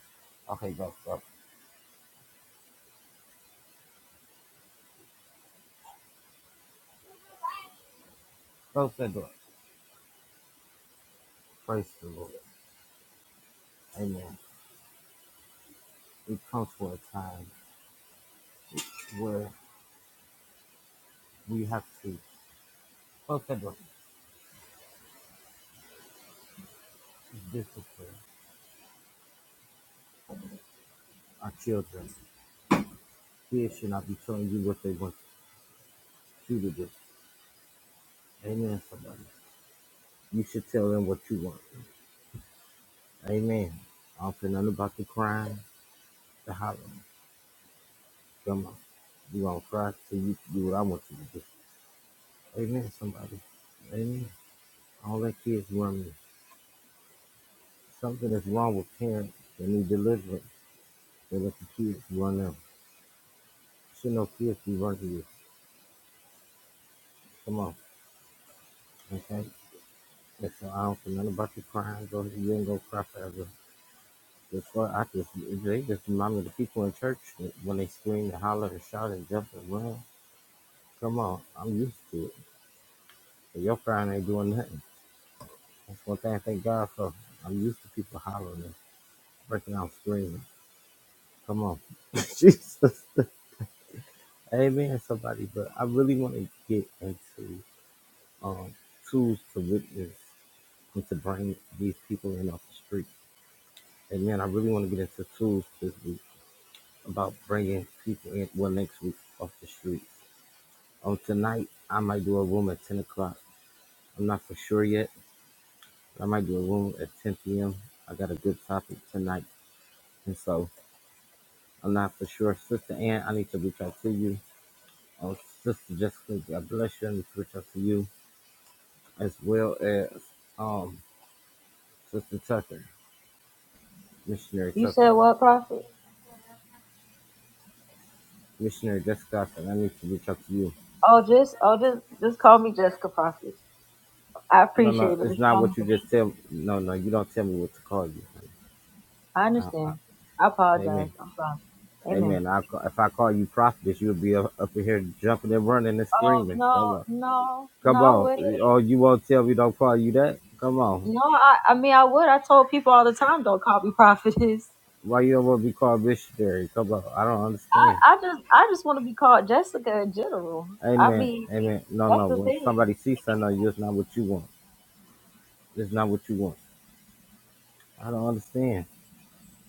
Okay, go, go. Close that door. Praise the Lord. Amen. It comes for a time where we have to close that door. Discipline. our children. Kids should not be telling you what they want you to do. Amen, somebody. You should tell them what you want. Amen. I don't care nothing about the crime, the hollering. Come on. You gonna cry till you do what I want you to do. Amen, somebody. Amen. All that kids run me. Something is wrong with parents that need deliverance. They let the kids run them. Should no kids be running you. Come on. Okay? And so I don't care nothing about the crime. Go you ain't gonna cry forever. That's why I just they just remind me of the people in church that when they scream and holler and shout and jump and run. Come on, I'm used to it. But your crying ain't doing nothing. That's one thing I thank God for. I'm used to people hollering and breaking out screaming. Come on. Jesus. Amen, somebody. But I really want to get into um, tools to witness and to bring these people in off the street. Amen. I really want to get into tools this week about bringing people in, well, next week off the street. Um, tonight I might do a room at ten o'clock. I'm not for sure yet. But I might do a room at ten p.m. I got a good topic tonight, and so I'm not for sure. Sister Ann, I need to reach out to you. Um, Sister Jessica, God bless you. I need to reach out to you as well as um Sister Tucker, Missionary You Tucker, said what, Prophet? Missionary Jessica. I need to reach out to you. Oh, just, oh, just, just call me Jessica Prophet. I No, appreciate no, it, but it's just not call me. what you just tell. No, no, you don't tell me what to call you. honey. I Uh, understand. I amen. apologize. I'm sorry. Amen. Amen. I ca- if I call you prophetess, you'll be up, up in here jumping and running and Oh screaming. no, Come on, no, no, come I on. wouldn't. Oh, you won't tell me don't call you that. Come on. No, I, I mean, I would. I told people all the time, don't call me prophetess. Why you don't want to be called missionary? Come on. I don't I, understand. I just I just want to be called Jessica in general. I Amen. mean, Amen. No, that's no. the When thing. somebody sees something on you, it's not what you want. It's not what you want. I don't understand.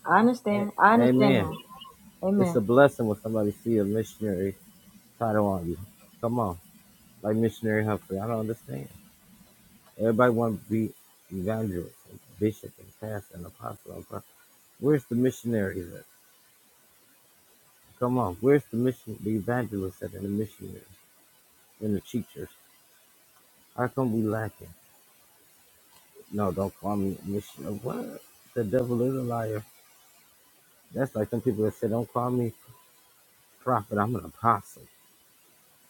I A- understand. I understand now. amen. It's a Amen. blessing when somebody see a missionary title on you. Come on. Like missionary Humphrey. I don't understand. Everybody want to be evangelist, and bishop, and pastor, and apostle. okay? Where's the missionaries at? Come on, where's the mission, the evangelists at, and the missionaries and the teachers? How come we lacking? No, don't call me a missionary. What? The devil is a liar. That's like some people that say, don't call me prophet. I'm an apostle.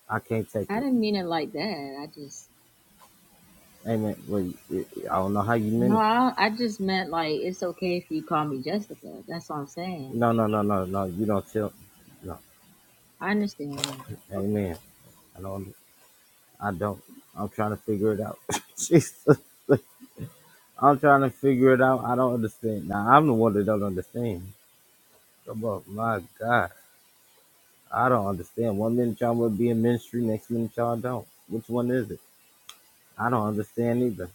I can't take I it. didn't mean it like that. I just Amen. Well, you- you- I don't know how you no. meant I, I just meant like it's okay if you call me Jessica. That's what I'm it. saying. No, Like, no, no, no, no. You don't tell. No. I understand now. Okay. Amen. I don't. I don't. I'm trying to figure it out. Jesus. I'm trying to figure it out. I don't understand. Now I'm the one that don't understand. Come up, my God. I don't understand. One minute y'all will be in ministry, next minute y'all don't. Which one is it? I don't understand either.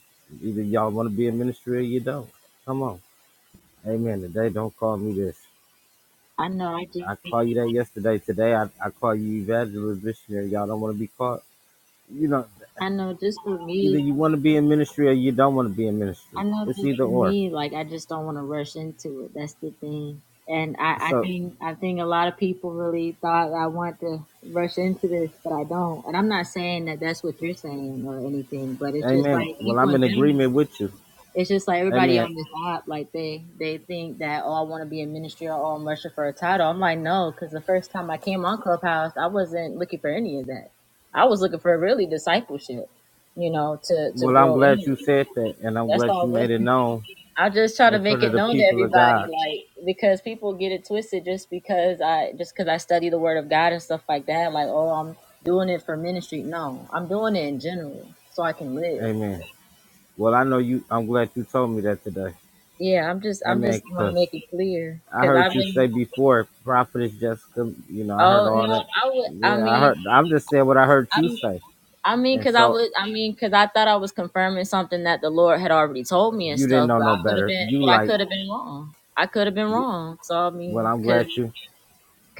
Either y'all want to be in ministry or you don't. Come on. Amen. Today, don't call me this. I know. I just I call you that yesterday. Today, I, I call you evangelist missionary. Y'all don't want to be called. You know, I know. Just for either me. you want to be in ministry or you don't want to be in ministry. I know, It's but either for or. me, like I just don't want to rush into it. That's the thing. And I, I So, think I think a lot of people really thought I want to rush into this, but I don't. And I'm not saying that that's what you're saying or anything, but it's just amen. like Well, people I'm in in general. agreement with you. It's just like everybody Amen. on this app, like they they think that oh I want to be in ministry or oh I'm rushing for a title. I'm like no, because the first time I came on Clubhouse, I wasn't looking for any of that. I was looking for really discipleship, you know, to to Well, I'm grow in. glad you it. said that, and I'm That's glad all you made it known I just try to in make front of it the known to people of everybody, God. like because people get it twisted just because I just because I study the Word of God and stuff like that. Like, oh, I'm doing it for ministry. No, I'm doing it in general so I can live. Amen. Well, I know you. I'm glad you told me that today. Yeah, I'm just I'm Amen. just want to Cause make it clear I because I've heard you been. say before, prophetess Jessica. You know, I heard Oh all no, that. I would. I Yeah, I mean, heard. I'm just saying what I heard I'm. you say, I mean, and cause I so would. I mean, cause I thought I was confirming something that the Lord had already told me and you didn't stuff, know but no I could have better. been. You But I like. could have been wrong. I could have been wrong. So I Well, mean, I'm cause, glad you.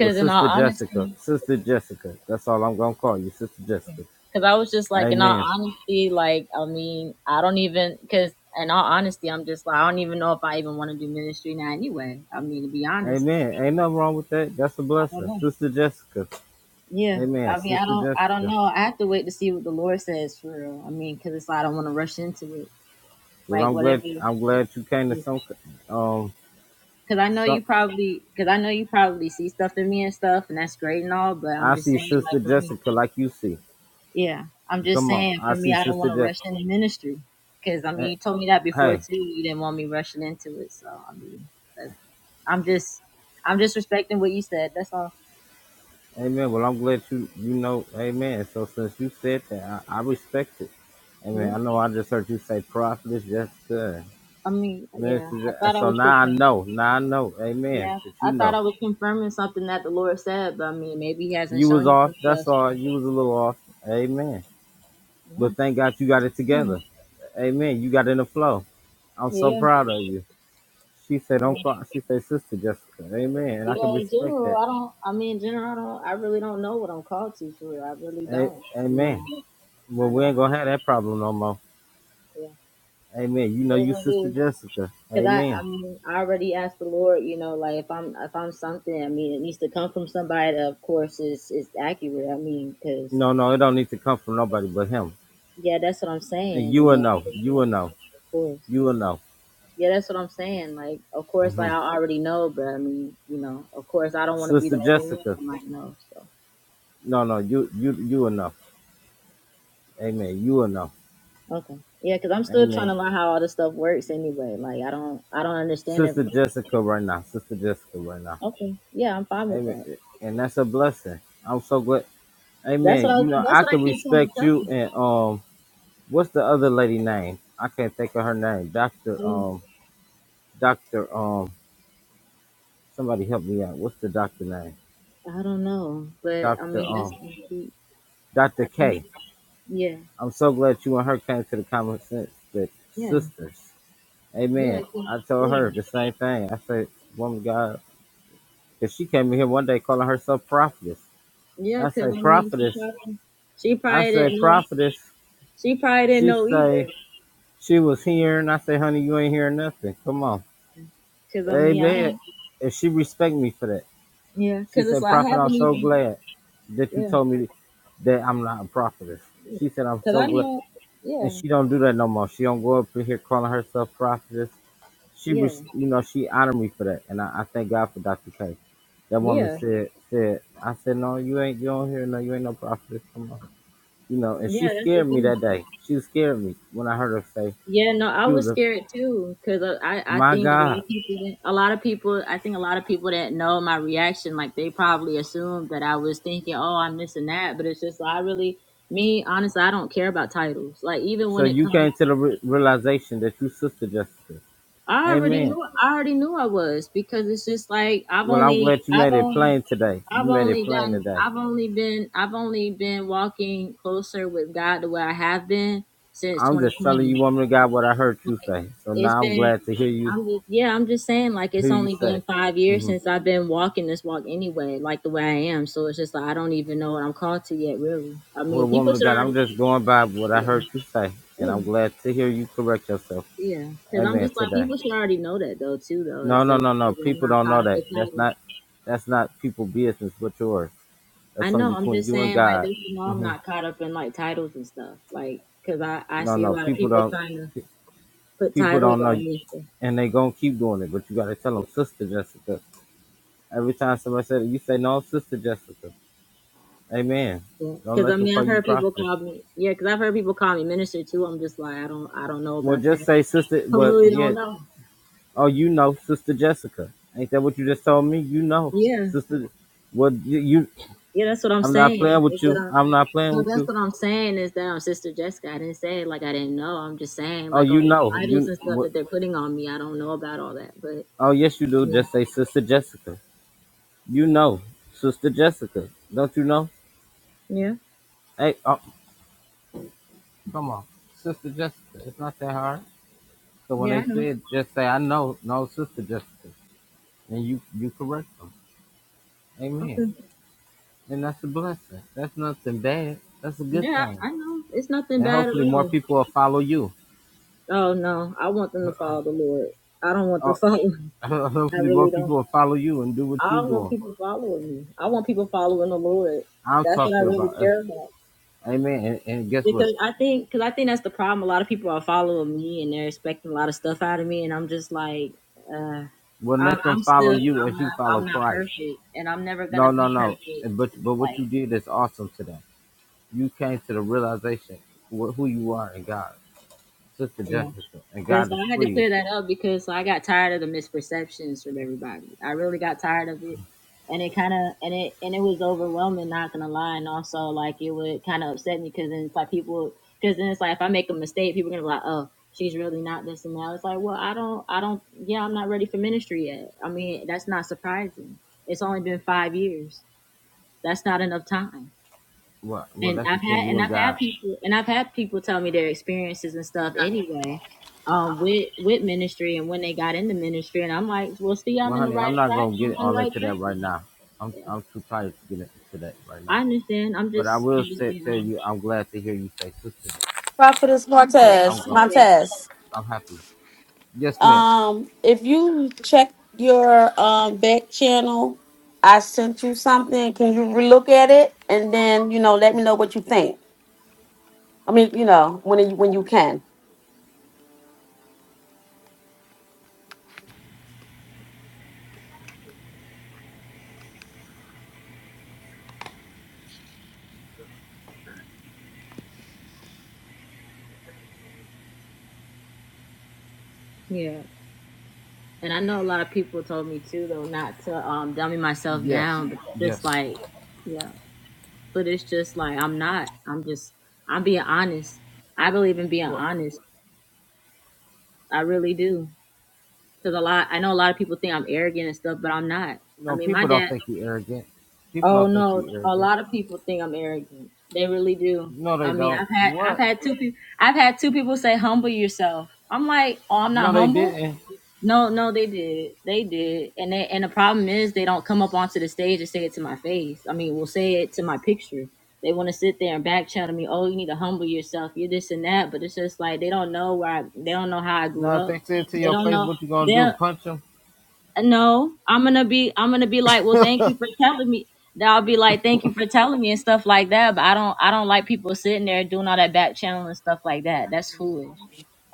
Well, in all sister honesty, Jessica, sister Jessica. That's all I'm gonna call you, sister Jessica. Because I was just like, in all Amen. honesty, like, I mean, I don't even, because in all honesty, I'm just like, I don't even know if I even want to do ministry now anyway. I mean, to be honest, Amen. Ain't nothing wrong with that. That's a I don't blessing, know. sister Jessica. Yeah. Amen, I mean, I sister don't, I don't Jessica. know. I have to wait to see what the Lord says for real. I mean, because it's like, I don't want to rush into it. Well, Like, I'm glad. whatever. I'm Like, glad you came to some Because um I know some you probably, because I know you probably see stuff in me and stuff, and that's great and all, but I'm I just see saying, Sister like, for me. Jessica like you see. Yeah, I'm just Come on, saying. I For me, see I don't Sister want to rush Je- into ministry because I eh, mean, you told me that before Hey, too. You didn't want me rushing into it, so I mean, that- I'm just, I'm just respecting what you said. That's all. Amen. Well, I'm glad you you know, Amen. So since you said that, I, I respect it. Amen. I Yeah. know I just heard you say prophetess Jessica, I mean, yeah. I Minister. Je- thought I so was now I confirming. know. Now I know. Amen. Yeah, That you I thought know I was confirming something that the Lord said, but I mean, maybe He hasn't you was shown you off. some That's stuff. all. So, You was a little off. Amen. yeah. But thank God you got it Yeah. together. Amen. You got in the flow. I'm so Yeah. proud of you. She said, "Don't cry." She said, "Sister Jessica." Amen. And I Yeah. can In respect general, that. I don't. I mean, in general, I don't. I really don't know what I'm called to for. Real. I really A- don't. I amen. mean, I Well, we ain't don't. gonna have that problem no more. Yeah. Amen. You know It is you what it is. sister Jessica. Cause I, I Amen. mean, I already asked the Lord, you know, like if I'm if I'm something, I mean, it needs to come from somebody that, of course, is is accurate. I mean, cause No, no, it don't need to come from nobody but him. yeah, that's what I'm And saying, you and will then know. You will like, know. of course, You will know. yeah, that's what I'm saying. Like, of course, hmm like I already know, but I mean, you know, of course, I don't want to be Sister the only one Jessica. that might know. So No, no, you you you will know. Amen. You will know. okay, yeah, cause I'm still trying Amen. to learn how all this stuff works anyway. Like, I don't, I don't understand Sister everything. Jessica right now. Sister Jessica right now. Okay, yeah, I'm fine with Amen. that. And that's a blessing. I'm so glad. That's what Amen. I, You know, that's I what I can keep telling respect you and um what's the other lady name? I can't think of her name. Doctor myself. um Doctor um, Somebody help me out. What's the doctor name? I don't know, but I Doctor mean, that's um gonna keep. Doctor I think, K. yeah, I'm so glad you and her came to the common sense that yeah, sisters. yeah, Amen. I think- I told yeah, her the same thing. I said, Woman God, because she came in here one day calling herself prophetess. yeah. I Cause say I mean, prophetess. she probably, she I probably say didn't know. prophetess. She probably didn't She know either. say she was hearing. I say, honey, you ain't hearing nothing. Come on. Cause I mean, I don't. Amen. And she respect me for that. Yeah. She Cause it's said, like I Prophet, I'm haven't so even. glad that you Yeah. told me that I'm not a prophetess. yeah. She said, I'm Cause so I glad. know. Yeah. and she don't do that no more. She don't go up in here calling herself prophetess. She Yeah. was, you know, she honored me for that, and I, I thank God for Dr. K. That woman Yeah. said, said, I said, no, you ain't, you don't hear, no, you ain't no prophetess, come on, you know. And Yeah. she That's the scared me thing. that day. She scared me when I heard her say, Yeah, no, I she was was a, scared too because I, I I my think a lot God. of people, didn't- a lot of people, I think a lot of people that know my reaction, like they probably assumed that I was thinking, oh, I'm this and that, but it's just I really, me, honestly, I don't care about titles. Like even So when it you comes, came to the re- realization that you sister Jessica. I already Amen. knew, I already knew I was because it's just like I've Well, I'm only, glad you I've made it only, plain today. I've You made it only plain done, today. I've only been, I've only been walking closer with God the way I have been since I'm just telling 2020. you, woman of God, what I heard you Like, say. So it's now I'm been glad to hear you I'm just yeah, I'm just saying like Who it's you only say? been five years hmm since I've been walking this walk anyway, like the way I am. So it's just like I don't even know what I'm called to yet, really. I What mean, people woman of should God? already I'm just going by what I yeah, heard you say, and yeah, I'm glad to hear you correct yourself. yeah. Because I'm Amen. just like Today. people should already know that though too though No, is no, that no, no. is that I'm People not don't caught know up that. in That's titles. not. That's not people business, but yours. That's I something know. I'm between just you and saying like God. this is why I'm hmm not caught up in like titles and stuff, like because I I No, see a no. lot of People people don't. trying to put People titles don't on know, me. and they gonna keep doing it. But you gotta tell them, sister. Jessica, everything. Amen. Because I mean, I've heard people call me. Yeah, because I've heard people call me minister too. I'm just like, I don't, I don't know What about that. I really don't is know. Yeah, with yeah, that's what I'm saying. Is that I, no, that's you? what I'm saying is that I'm Sister Jessica. I didn't say it like I didn't know. I'm just saying like all the titles and stuff that they're putting on me. I don't know about all that, but Oh, yes, you do. yeah, Just say, sister Jessica. You know, sister Jessica. Don't you know? yeah, Hey, uh, Come on, Sister Jessica. It's not that hard. So when yeah they I know. say it, just say, "I know, no, Sister Jessica," and you you correct them. Amen. Okay, And that's a blessing. That's nothing bad. That's a good yeah, thing. I know. It's nothing And bad at hopefully more all. people will follow you. Oh no, I want them to follow the Lord. I don't want them Oh, following. I hopefully more really don't. people will follow you and do what I you're don't want doing. people following me. I want people following the Lord. I'm That's what I talking really about. us. care about. Amen. And, and guess what? Because I think, because I think that's the problem. A lot of people are following me, and they're expecting a lot of stuff out of me, and I'm just like, uh, Well, I'm, let them I'm follow still, you I'm as you not, follow I'm not Christ. perfect, and I'm never No, gonna no, be no. perfect. And But but what you Like, did is awesome today. You came to the realization wh- who you are in God Sister yeah. Jessica, and 'Cause God is I had to pleased. clear that up because so I got tired of the misperceptions from everybody. I really got tired of it, and it kind of and it and it was overwhelming. Not gonna lie, and also like it would kind of upset me because then it's like people because then it's like if I make a mistake, people are gonna be like, oh, she's really not this and that. It's like, well, I don't, I don't, yeah, I'm not ready for ministry yet. I mean, that's not surprising. It's only been five years. That's not enough time Well, well, and that's I've between had you and and I've had God. people and I've had people tell me their experiences and stuff anyway, um, with with ministry and when they got into ministry and I'm like, well, see, I'm Well, in the honey, right I'm not track. gonna I'm get on the all right into that track. then." right now. I'm Yeah, I'm too tired to get into that right now. I understand. I'm But I just, will I'm just say, being tell honest. you, I'm glad to hear you say sister. Prophetess Like, Yeah, I'm I Montez, going understand. Montez. I'm happy. Yes, ma'am. Um, if you check your um back channel, I sent you something. Can you relook at it and then you know let me know what you think. I mean, you know when you when you can. Yeah, and I know a lot of people told me too though not to um dummy myself Yes, down, but just yes. like, yeah, but it's just like I'm not. I'm just, I'm being honest. I believe in being Well, honest. I really do. because a lot I know a lot of people think I'm arrogant and stuff, but I'm not. I no, mean, my people don't dad. think you arrogant. People Oh don't think no, you a arrogant. lot of people think I'm arrogant. They really do. No, they I mean, don't. I've had I've What? had two people I've had two people say humble yourself. I'm like, oh, I'm not No. humble. eh. No, no, they did, they did, and they, and the problem is they don't come up onto the stage and say it to my face. I mean, we will say it to my picture. They want to sit there and back channel me. Oh, you need to humble yourself. You're this and that, but it's just like they don't know where I, they don't know how I grew Now, if up. they say it to They your don't face, know what you gonna they do? Punch them? no, I'm gonna be I'm gonna be like, well, thank you for telling me. Then I'll be like, thank you for telling me and stuff like that. But I don't I don't like people sitting there doing all that back channel and stuff like that. That's foolish.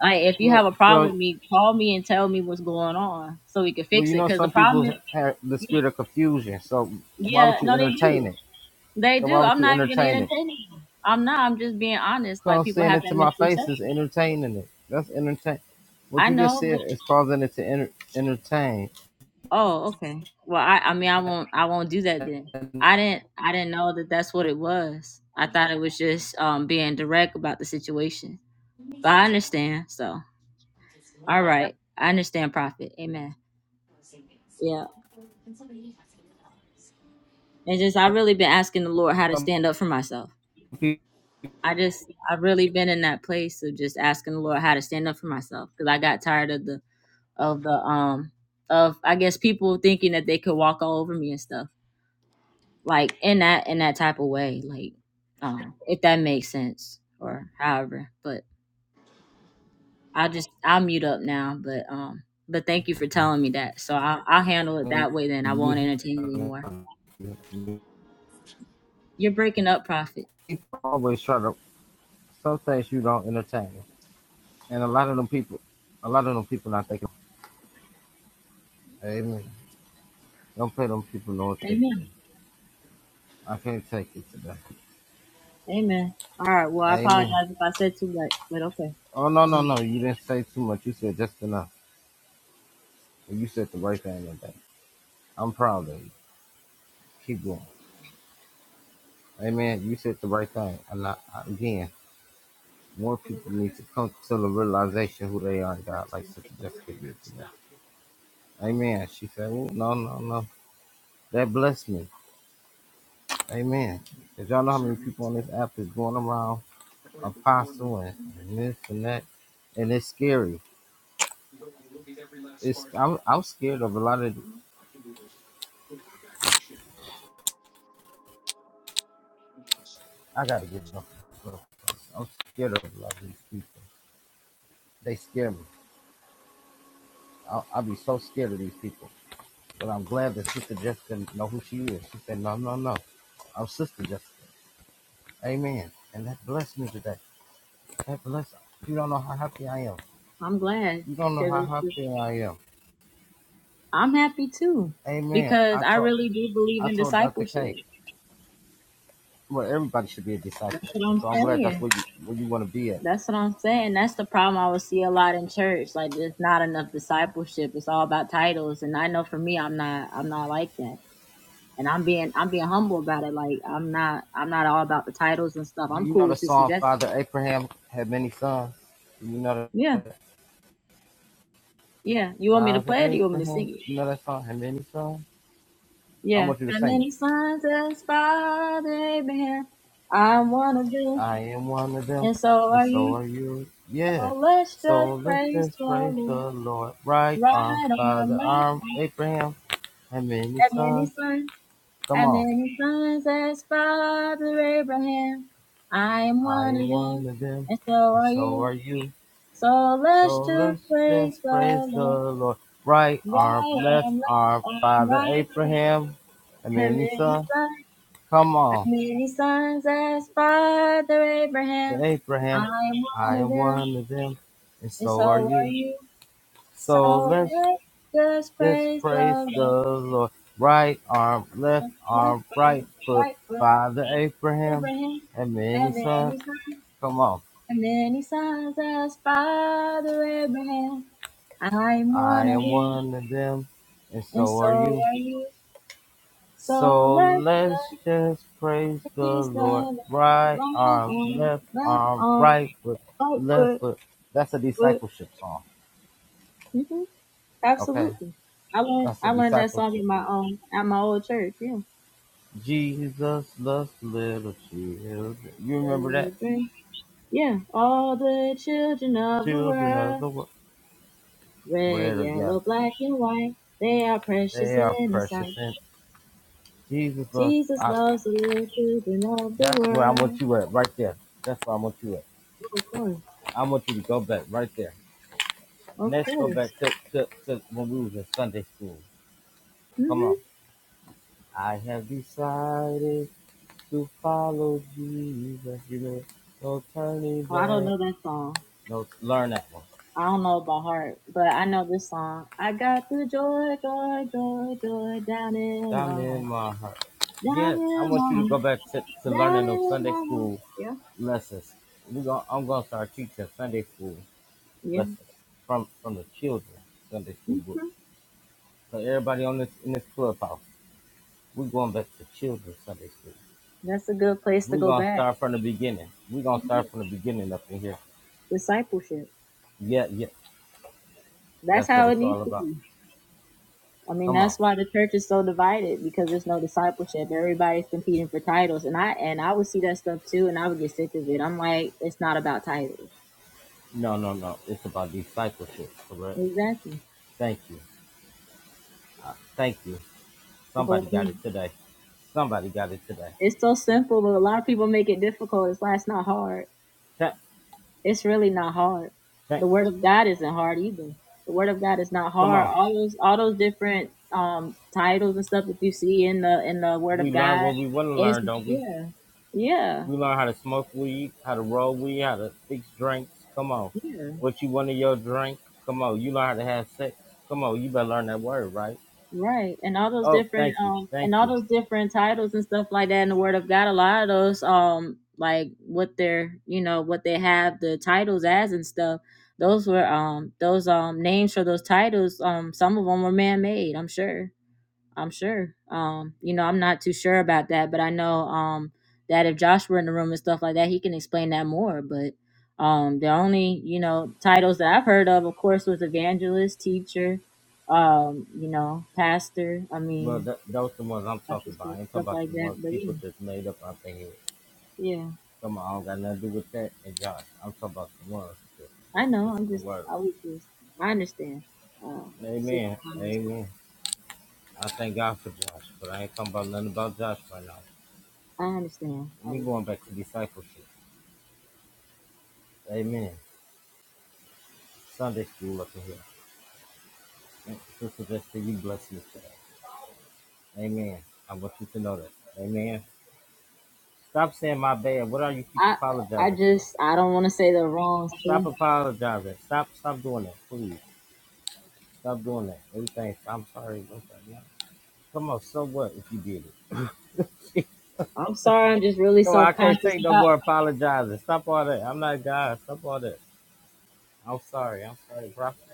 Like if you Look, have a So. problem with me, call me and tell me what's going on so we can Well, you fix it. know, Cause the some problem people is, have the spirit of confusion. So why yeah, would you no, they entertain do, it? they So do. why would I'm you not even gonna entertain it? entertain it. I'm not. I'm just being honest. Like Come people saying have it that to my face is misconception. entertaining it. That's entertain. What I you just know, said is causing it to enter- entertain. Oh, okay. Well, I I mean I won't I won't do that then. I didn't I didn't know that that's what it was. I thought it was just um being direct about the situation. But I understand. So, all right. I understand prophet. Amen. Yeah. And just I really been asking the Lord how to stand up for myself. People I just I've really been in that place of just asking the Lord how to stand up for myself cuz I got tired of the of the um of I guess people thinking that they could walk all over me and stuff like in that in that type of way like um if that makes sense or however but i just i'll mute up now but um but thank you for telling me that so i'll, I'll handle it that way then i won't entertain it anymore you're breaking up prophet always try to. Some things you don't entertain, and a lot of them people, a lot of them people not thinking. Amen. Don't pay them people no attention. amen I can't take it today. amen all right well i Amen. apologize if i said too much but okay Oh no no and no! You didn't say too much. You said just enough. Well, You said the right thing today. I'm proud of you. Keep going. Hey man, you said the right thing. And I, I, again, more people need to come to the realization who they are, God, like Sister Jessica did today. Amen. She said, "Ooh, no, no, no. That blessed me. Amen. Because y'all know how many people on this app is going around apostle and this and that. And it's scary. It's I'm, I'm scared of a lot of, I got to get it off. I'm scared of a lot of these people. They scare me. I'll, I'll be so scared of these people. But I'm glad that Sister Jessica know who she is. She said, no, no, no. our sister Jessica. Amen. And that blessed me today. That blessed. You don't know how happy I am. i'm glad You don't know because how happy I am. i'm happy too Amen. because I i told really do believe I in told Dr. discipleship K. Well, everybody should be a that's disciple. what And i'm so I'm glad that's saying where you where you want to be at. That's what I'm saying. That's the problem I would see a lot in church. Like there's not enough discipleship. It's all about titles. And I know for me I'm not I'm not like that. And I'm being I'm being humble about it. Like I'm not I'm not all about the titles and stuff. Do I'm you know cool the with Sister song Jessica. Father Abraham had many sons? Do you know the Yeah. Yeah. You want me to Father play it or you want me to Abraham? sing it? You know that song had many sons? I Yeah. want you to How sing it. many sons as Father Abraham? I'm one of them. I am one of them, And so and are so you. are you. Yeah. Oh let's just So let praise us the praise Lord. the Lord. Right Right arm, on Father my neck. arm, Abraham, and many How many sons. sons? Come As on. many sons as Father Abraham, I am I one of am them, one of them, and so and are so you. are you. So let's So just let's praise just the praise the Lord. Lord. Right arm, Right left arm, left arm, arm, Father right arm. Abraham, and As many many sons. sons, Come as on. many sons as Father The Abraham, I Abraham, am I one of am them, one of them, and and so so are are you. you. So So let's let's just Just praise the praise the Lord. Lord. Right arm, left Left arm, right foot, foot. right foot, Father Abraham Abraham. and many Have many sons. sons Come on. And then he signs us, Father Abraham, I'm I one of am you, one of them, and and so so are you. are you. So So let let's just praise the the peace Lord. of Right right arm, arm, left left arm, arm, right foot, right left foot, foot. That's a foot. discipleship song. hmm Okay? Absolutely. I learned That's a I learned that song discipleship. in my um at my old church, yeah. Jesus loves little children. You remember that? Children, yeah. All the children of the Children of world, the world. red, Red or yellow. yellow, black and white, they are precious They are in his sight. precious. And Jesus, Lord, Jesus I, loves the little children of the that's where I want world. you at, right there. That's where I want you at. Of course, I want you to go back right there. of Let's go back course. to, to, to when we was in Sunday school. Come hmm on. I have decided to follow Jesus. You know, no turning Well, I don't back. know that song. No, learn that one. I don't know it by heart, but I know this song. I got the joy, joy, joy, joy down in my Diamond in heart, my heart. down Yes, I in want my you to go heart, back to, to down learning those in Sunday my heart. school Yeah, lessons. We gon' I'm gonna start teaching Sunday school yeah. lessons from from the children Sunday school book. hmm So everybody on this in this clubhouse, we're going back to children's Sunday school. That's a good place to We're go gonna back. start from the beginning. We're gonna start Mhm. from the beginning up in here. Discipleship. Yeah, yeah. That's That's what how it it's needs all to. about. I mean, Come on. that's why the church is so divided because there's no discipleship. Everybody's competing for titles, and I and I would see that stuff too, and I would get sick of it. I'm like, it's not about titles. No, no, no. It's about discipleship, correct? Exactly. Thank you. Uh, thank you. The whole Somebody point. got it today. Somebody got it today. It's so simple, but a lot of people make it difficult. It's like it's not hard. Thank, It's really not hard. thank. The word of God isn't hard either. The word of God is not Come hard. on. All those all those different um titles and stuff that you see in the in the word We of learn God what we want to is learn, don't we? yeah. Yeah. We learn how to smoke weed, how to roll weed, how to fix drinks. Come on. Yeah. What you want in your drink? Come on. You learn how to have sex. Come on. You better learn that word, right? Right. And all those Oh, different thank you. um Thank and all you. those different titles and stuff like that in the word of God, a lot of those um like what they're you know, what they have the titles as and stuff, those were um those um names for those titles, um some of them were man made, I'm sure. I'm sure. Um, you know, I'm not too sure about that, but I know um that if Josh were in the room and stuff like that, he can explain that more. But um the only, you know, titles that I've heard of, of course, was evangelist, teacher, um, you know, pastor, I Well, mean th- those are the ones I'm pastor, talking about. I ain't stuff talking about like the that. ones But yeah. people just made up out their head. Yeah. Come on. I don't got nothing to do with that. And Josh, I'm talking about the ones that, I that know, that's I'm in the just word. I was just I understand. Um so- Amen. Amen. I thank God for Josh, but I ain't talking about nothing about Josh right now. I understand. I We was going back to discipleship. Amen. Sunday school up in here. Thank Sister Jessica. You bless yourself. Amen. I want you to know that. Amen. Stop saying my bad. What are you keep I I apologizing for? just I don't want to say the wrong Stop thing. apologizing. Stop stop doing that, please. Stop doing that. Everything. I'm sorry. I'm sorry. Yeah. Come on. So what if you did it? I'm sorry. I'm just really Come on. I self can't conscious take no more apologizing. Stop all that. I'm not God. Stop all that. I'm sorry. I'm sorry, prophet.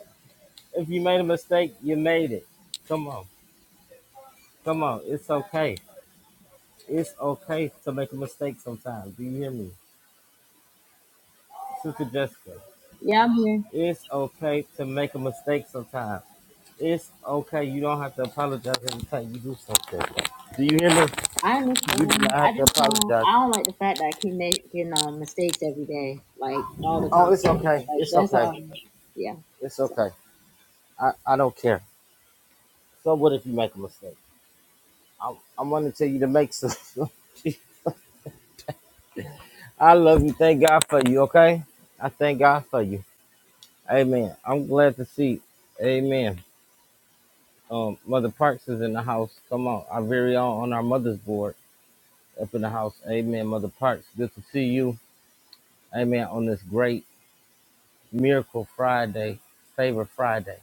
If you made a mistake, you made it. Come on. Come on. It's okay. It's okay to make a mistake sometimes. Do you hear me? Sister Jessica, Yeah, I mean, It's okay to make a mistake sometimes. It's okay. You don't have to apologize every time you do something. Do you hear me? I You do not understand. I have to just don't. apologize. I don't like the fact that I keep making um, mistakes every day, like all the Oh, time. it's okay. It's Like that's okay. all. Yeah. It's So okay. I, I don't care. So what if you make a mistake? I, I'm going to tell you to make some. I love you. Thank God for you. Okay. I thank God for you. Amen. I'm glad to see. Amen. Um, mother work you. Amen. Great day. Favorite day.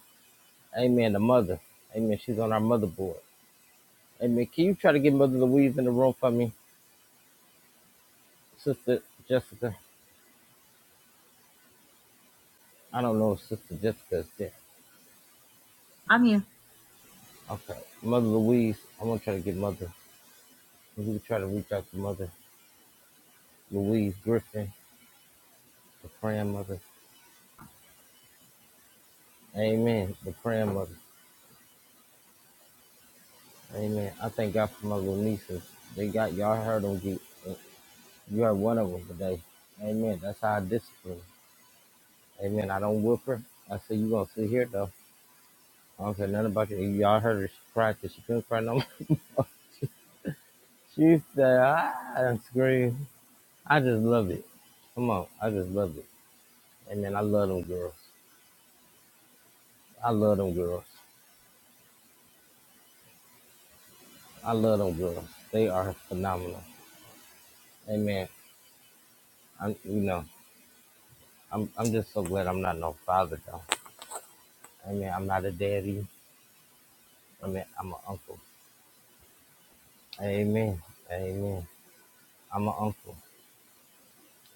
Amen. Mother. Amen. She's on the work. Amen. Sister Jessica. I don't know if Sister Jessica's there. I'm Okay. Mother Louise, I'm gonna try to get Mother. We can try to reach out to Mother Louise Griffin, the praying mother. Amen. The praying mother. Amen. I thank God for my little nieces. They got y'all heard them get you heard one of them today. Amen. That's how I discipline. Amen. I don't whip her. I said you gonna sit here though. I don't say nothing about you. Y'all heard her she cried 'cause she couldn't cry no more. She said, ah, and scream. I just love it. Come on, I just love it. Amen. I love them girls. I love them girls. I love them girls. They are phenomenal. Amen. I'm, you know, I'm, I'm just so glad I'm not no father though. Amen. I'm not a daddy. I mean, I'm an uncle. Amen. Amen. I'm an uncle,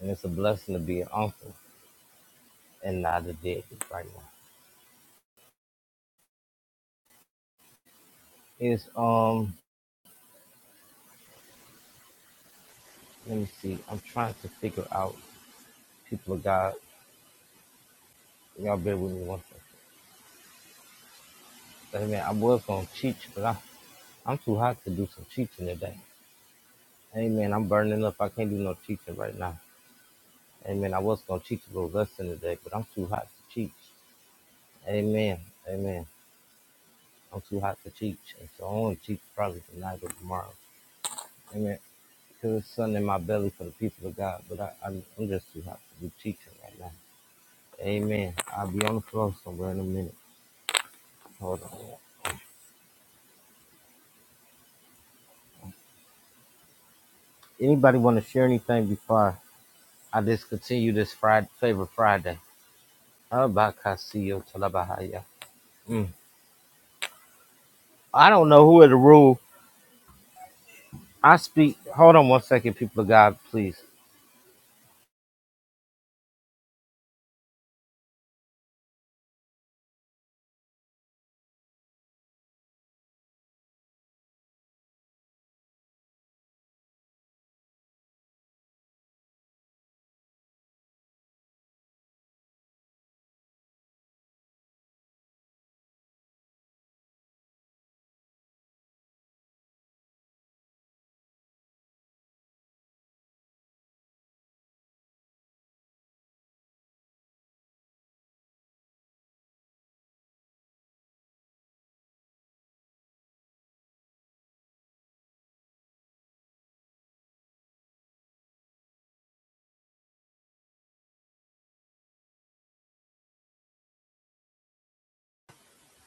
and it's a blessing to be an uncle and not a daddy right now. It's um, let me see. I'm trying to figure out people of God. Y'all bear with me one second. Amen. I was gonna teach, but I, I'm too hot to do some teaching today. Amen. I'm burning up. I can't do no teaching right now. Amen. I was gonna teach a little lesson today, but I'm too hot to teach. Amen. Amen. I'm too hot to teach, and so I only teach probably tonight or tomorrow. Amen. Because it's sun in my belly for the people of God, but I, I'm, I'm just too hot to be teaching right now. Amen. I'll be on the floor somewhere in a minute. Hold on. Anybody want to share anything before I discontinue this Friday, favorite Friday? Abakasiyo talabahaya. Mm. I don't know who in the room. I speak. Hold on one second, people of God, please.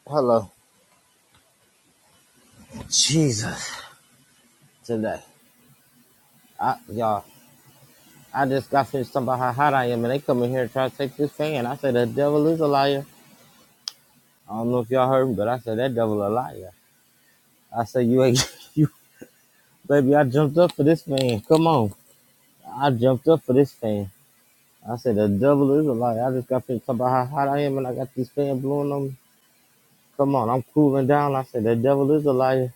Hello. Jesus, today. I, y'all, I just got finished talking about how hot I am, and they come in here and try to take this fan. I said, the devil is a liar. I don't know if y'all heard me, but I said, that devil a liar. I said, you ain't, you, baby, I jumped up for this fan. Come on. I jumped up for this fan. I said, the devil is a liar. I just got finished talking about how hot I am, and I got this fan blowing on me. Come on, I'm cooling down. I said, the devil is a liar.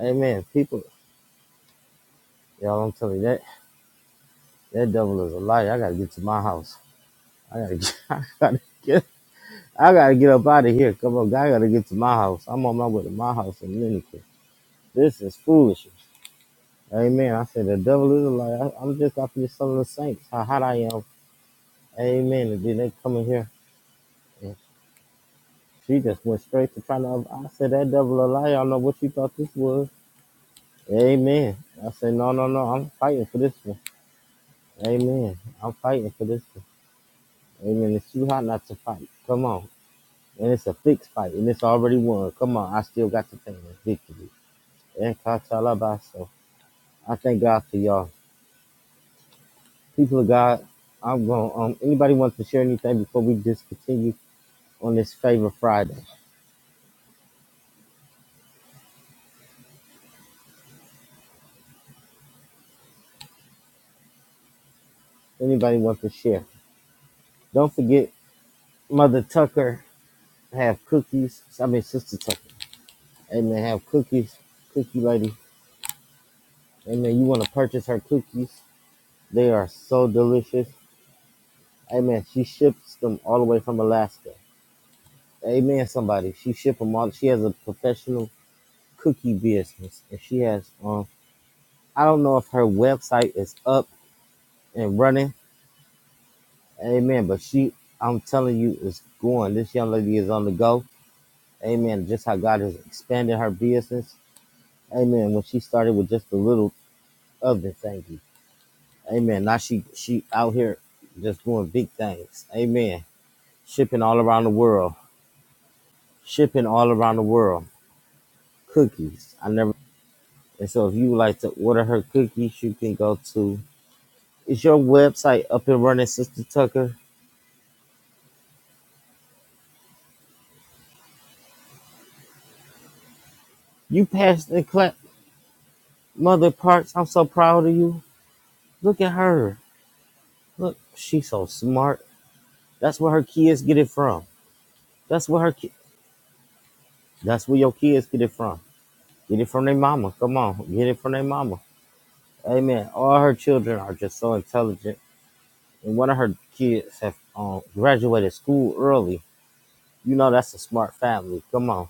Amen. People, y'all, I'm telling you, that, that devil is a liar. I gotta get to my house. I gotta get, I gotta get I gotta get up out of here. Come on, I gotta get to my house. I'm on my way to my house in a minute. This is foolishness. Amen. I said the devil is a liar. I- I'm just after the son of the saints. How hot I am. Amen. And then they come in here. And she just went straight to trying to. I said that devil a liar. I don't know what you thought this was. Amen. I said no, no, no. I'm fighting for this one. Amen. I'm fighting for this one. Amen. It's too hot not to fight. Come on. And it's a fixed fight, and it's already won. Come on, I still got the pain. of Victory. and Katalabaso. I thank God for y'all. People of God, I'm going um anybody want to share anything before we just continue on this favor Friday? Anybody want to share? Don't forget Mother Tucker have cookies. I mean Sister Tucker. Amen. Have cookies. Cookie lady. Amen. You want to purchase her cookies. They are so delicious. Amen. She ships them all the way from Alaska. Amen, somebody. She ship them all. She has a professional cookie business. And she has um I don't know if her website is up and running. Amen. But she, I'm telling you, is going. This young lady is on the go. Amen. Just how God has expanded her business. Amen. When she started with just a little oven thingy. Amen. Now she she out here just doing big things. Amen. Shipping all around the world. Shipping all around the world. Cookies. I never and so if you would like to order her cookies, you can go to is your website up and running, Sister Tucker? You passed the class. Mother Parks, I'm so proud of you. Look at her. Look, she's so smart. That's where her kids get it from. That's where her ki- that's where your kids get it from. Get it from their mama. Come on, get it from their mama. Amen. All her children are just so intelligent, and one of her kids have um, graduated school early. You know that's a smart family. Come on,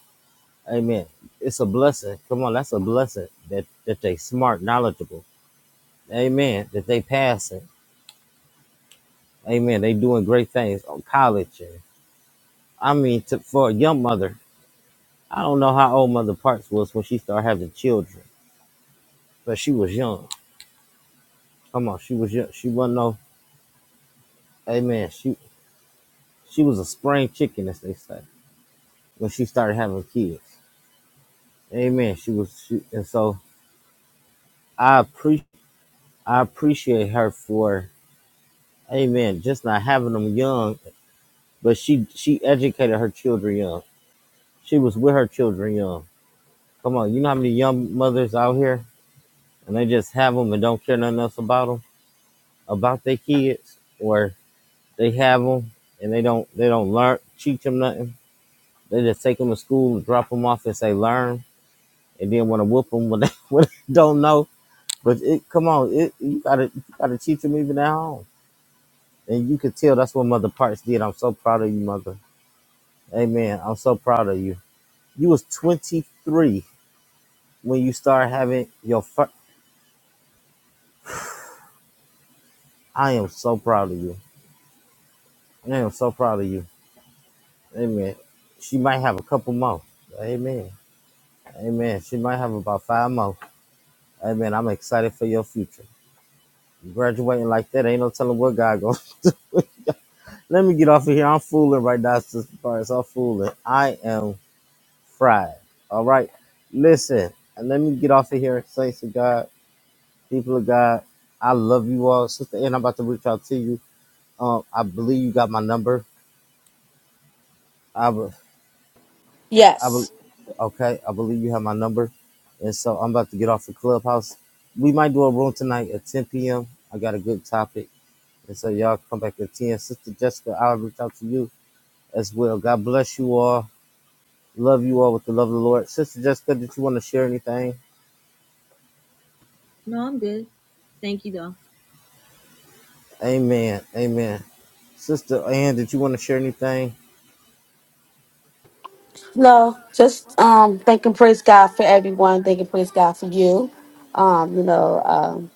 Amen. It's a blessing. Come on, that's a blessing that that they smart, knowledgeable. Amen. That they passing. Amen. They doing great things on college and. I mean, to, for a young mother, I don't know how old Mother Parks was when she started having children, but she was young. Come on, she was young. She wasn't no, amen. She she was a spring chicken, as they say, when she started having kids. Amen. She was, she, and so I appreciate I appreciate her for, amen, just not having them young, but she she educated her children young. She was with her children young. Come on, you know how many young mothers out here, and they just have them and don't care nothing else about them, about their kids, or They have them, and they don't they don't learn teach them nothing. They just take them to school and drop them off and say learn, and then want to whoop them when they, when they don't know. But it come on, it you gotta you gotta teach them even at home, and you could tell that's what Mother Parks did. I'm so proud of you, Mother. Amen. I'm so proud of you. You was 23 when you started having your first. I am so proud of you. I am so proud of you. Amen. She might have a couple more. Amen. Amen. She might have about five more. Hey man, I'm excited for your future. You graduating like that, ain't no telling what God goes. Let me get off of here. I'm fooling right now, Sister Paris. I'm fooling. I am fried. All right. Listen, and let me get off of here, saints of God, people of God. I love you all, Sister Ann. I'm about to reach out to you. Um, I believe you got my number. I, be- I be- Yes. okay. I believe you have my number, and so I'm about to get off the clubhouse. We might do a room tonight at 10 p.m. I got a good topic, and so y'all come back at 10. Sister Jessica, I'll reach out to you as well. God bless you all. Love you all with the love of the Lord. Sister Jessica, did you want to share anything? no, I'm good. Thank you though. Amen. Amen. Sister Ann, did you want to share anything? No, just um thanking praise God for everyone. Thanking praise God for you. Um, you know, um,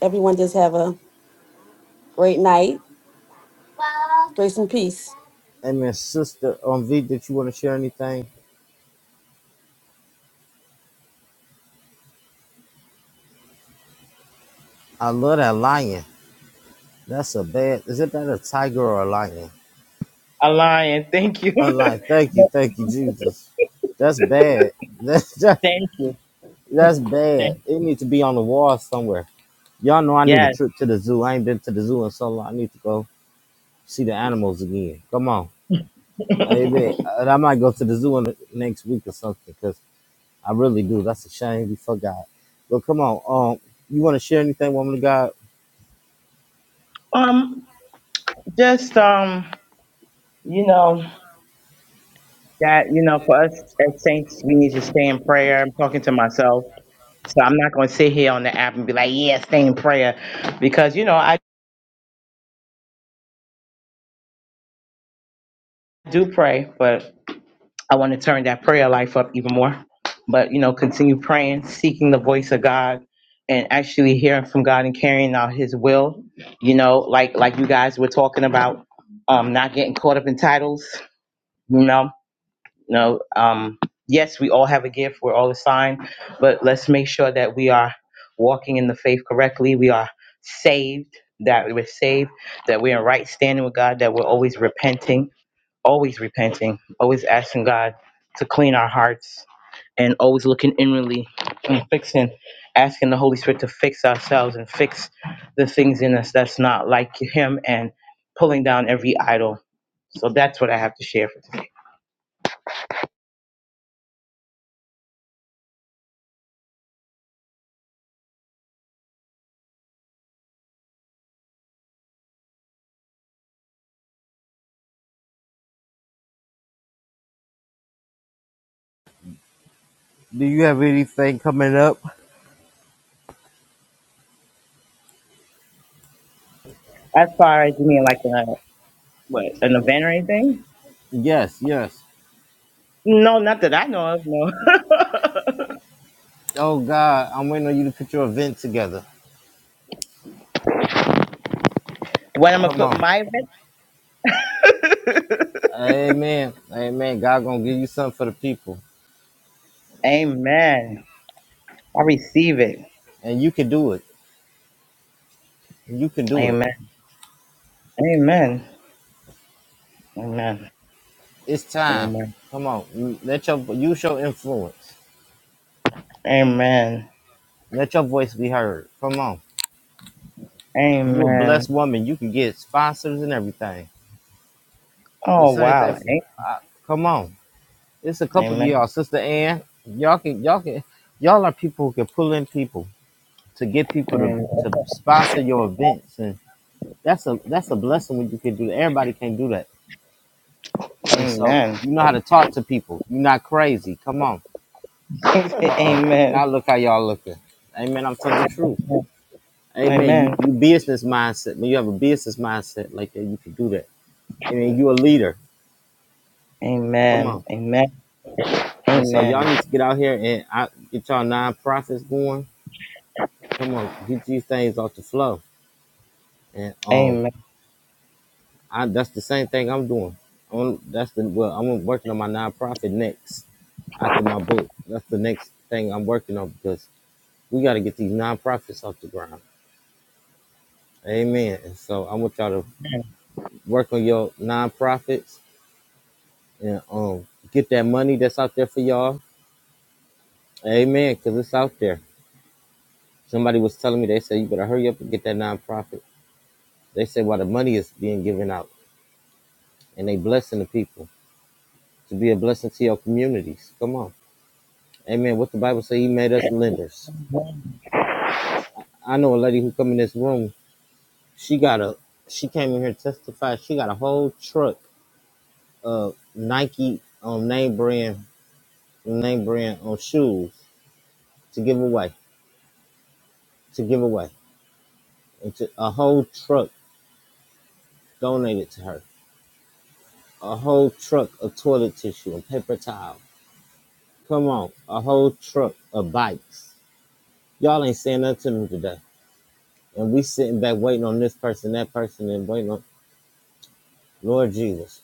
everyone just have a great night. Grace and peace. Amen. Sister um, V, did you want to share anything? I love that lion. That's a bad. Is it that a tiger or a lion? A lion. Thank you. A lion. Thank you. Thank you, Jesus. That's bad. That's just, Thank you. that's bad. Thank- It needs to be on the wall somewhere. Y'all know I need a Yes. trip to the zoo. I ain't been to the zoo in so long. I need to go see the animals again. Come on. Hey, man, and I might go to the zoo in next week or something because I really do. That's a shame we forgot. But come on, um, you want to share anything, woman of God? Um, just um, you know. that you know for us as saints we need to stay in prayer i'm talking to myself so i'm not going to sit here on the app and be like yeah stay in prayer because you know i do pray but i want to turn that prayer life up even more but you know continue praying seeking the voice of god and actually hearing from god and carrying out his will you know like like you guys were talking about um not getting caught up in titles You know. You know, um, yes, we all have a gift. We're all assigned, but let's make sure that we are walking in the faith correctly. We are saved, that we're saved, that we're in right standing with God, that we're always repenting, always repenting, always asking God to clean our hearts, and always looking inwardly and fixing, asking the Holy Spirit to fix ourselves and fix the things in us that's not like Him and pulling down every idol. So that's what I have to share for Do you have anything coming up? today. As far as me, like the What, an event or anything? Yes, yes. No, not that I know of, no. Oh God, I'm waiting on you to put your event together. when I'm going to Come put on, my event? Amen, Amen. God gonna give you something for the people, Amen. I receive it. and you can do it. You can do it. Amen. Amen. Amen. It's time. Amen. Come on, let your use your influence. Amen. Let your voice be heard. Come on, you're a blessed Amen. woman. You can get sponsors and everything. The Oh, same thing. wow. For, I, come on, it's a couple of Amen. y'all, Sister Ann. Y'all can, y'all can, y'all are people who can pull in people to get people to Amen. to sponsor your events, and that's a that's a blessing when you can do that. Everybody can't do that, and so Amen. you know how to talk to people. You're not crazy. Come on. Uh oh. Amen. Amen. Now look how y'all looking. Amen. I'm telling the truth. Amen. You Amen. you business mindset. When you have a business mindset like that, you can do that. Amen. You a leader. Come on. Amen. And so y'all need Amen. to get out here and I, get y'all nonprofits going. Come on, get these things off the flow. And um, Amen. I, that's the same thing I'm doing. i that's the well, I'm working on my nonprofit next after my book. That's the next thing I'm working on because we got to get these nonprofits off the ground. Amen. And so I want y'all to work on your nonprofits and um get that money that's out there for y'all. Amen. Because it's out there. Somebody was telling me they said you better hurry up and get that nonprofit. They said while the money is being given out. and they blessing the people to be a blessing to your communities. Come on. Amen. What the Bible say, he made us lenders. I know a lady who come in this room, she got a she came in here to testify, she got a whole truck of Nike on name brand name brand on shoes to give away. To give away. And to, a whole truck donated to her. A whole truck of toilet tissue and paper towel. Come on, a whole truck of bikes. Y'all ain't saying nothing to them today. and we sitting back waiting on this person, that person, and waiting on Lord Jesus.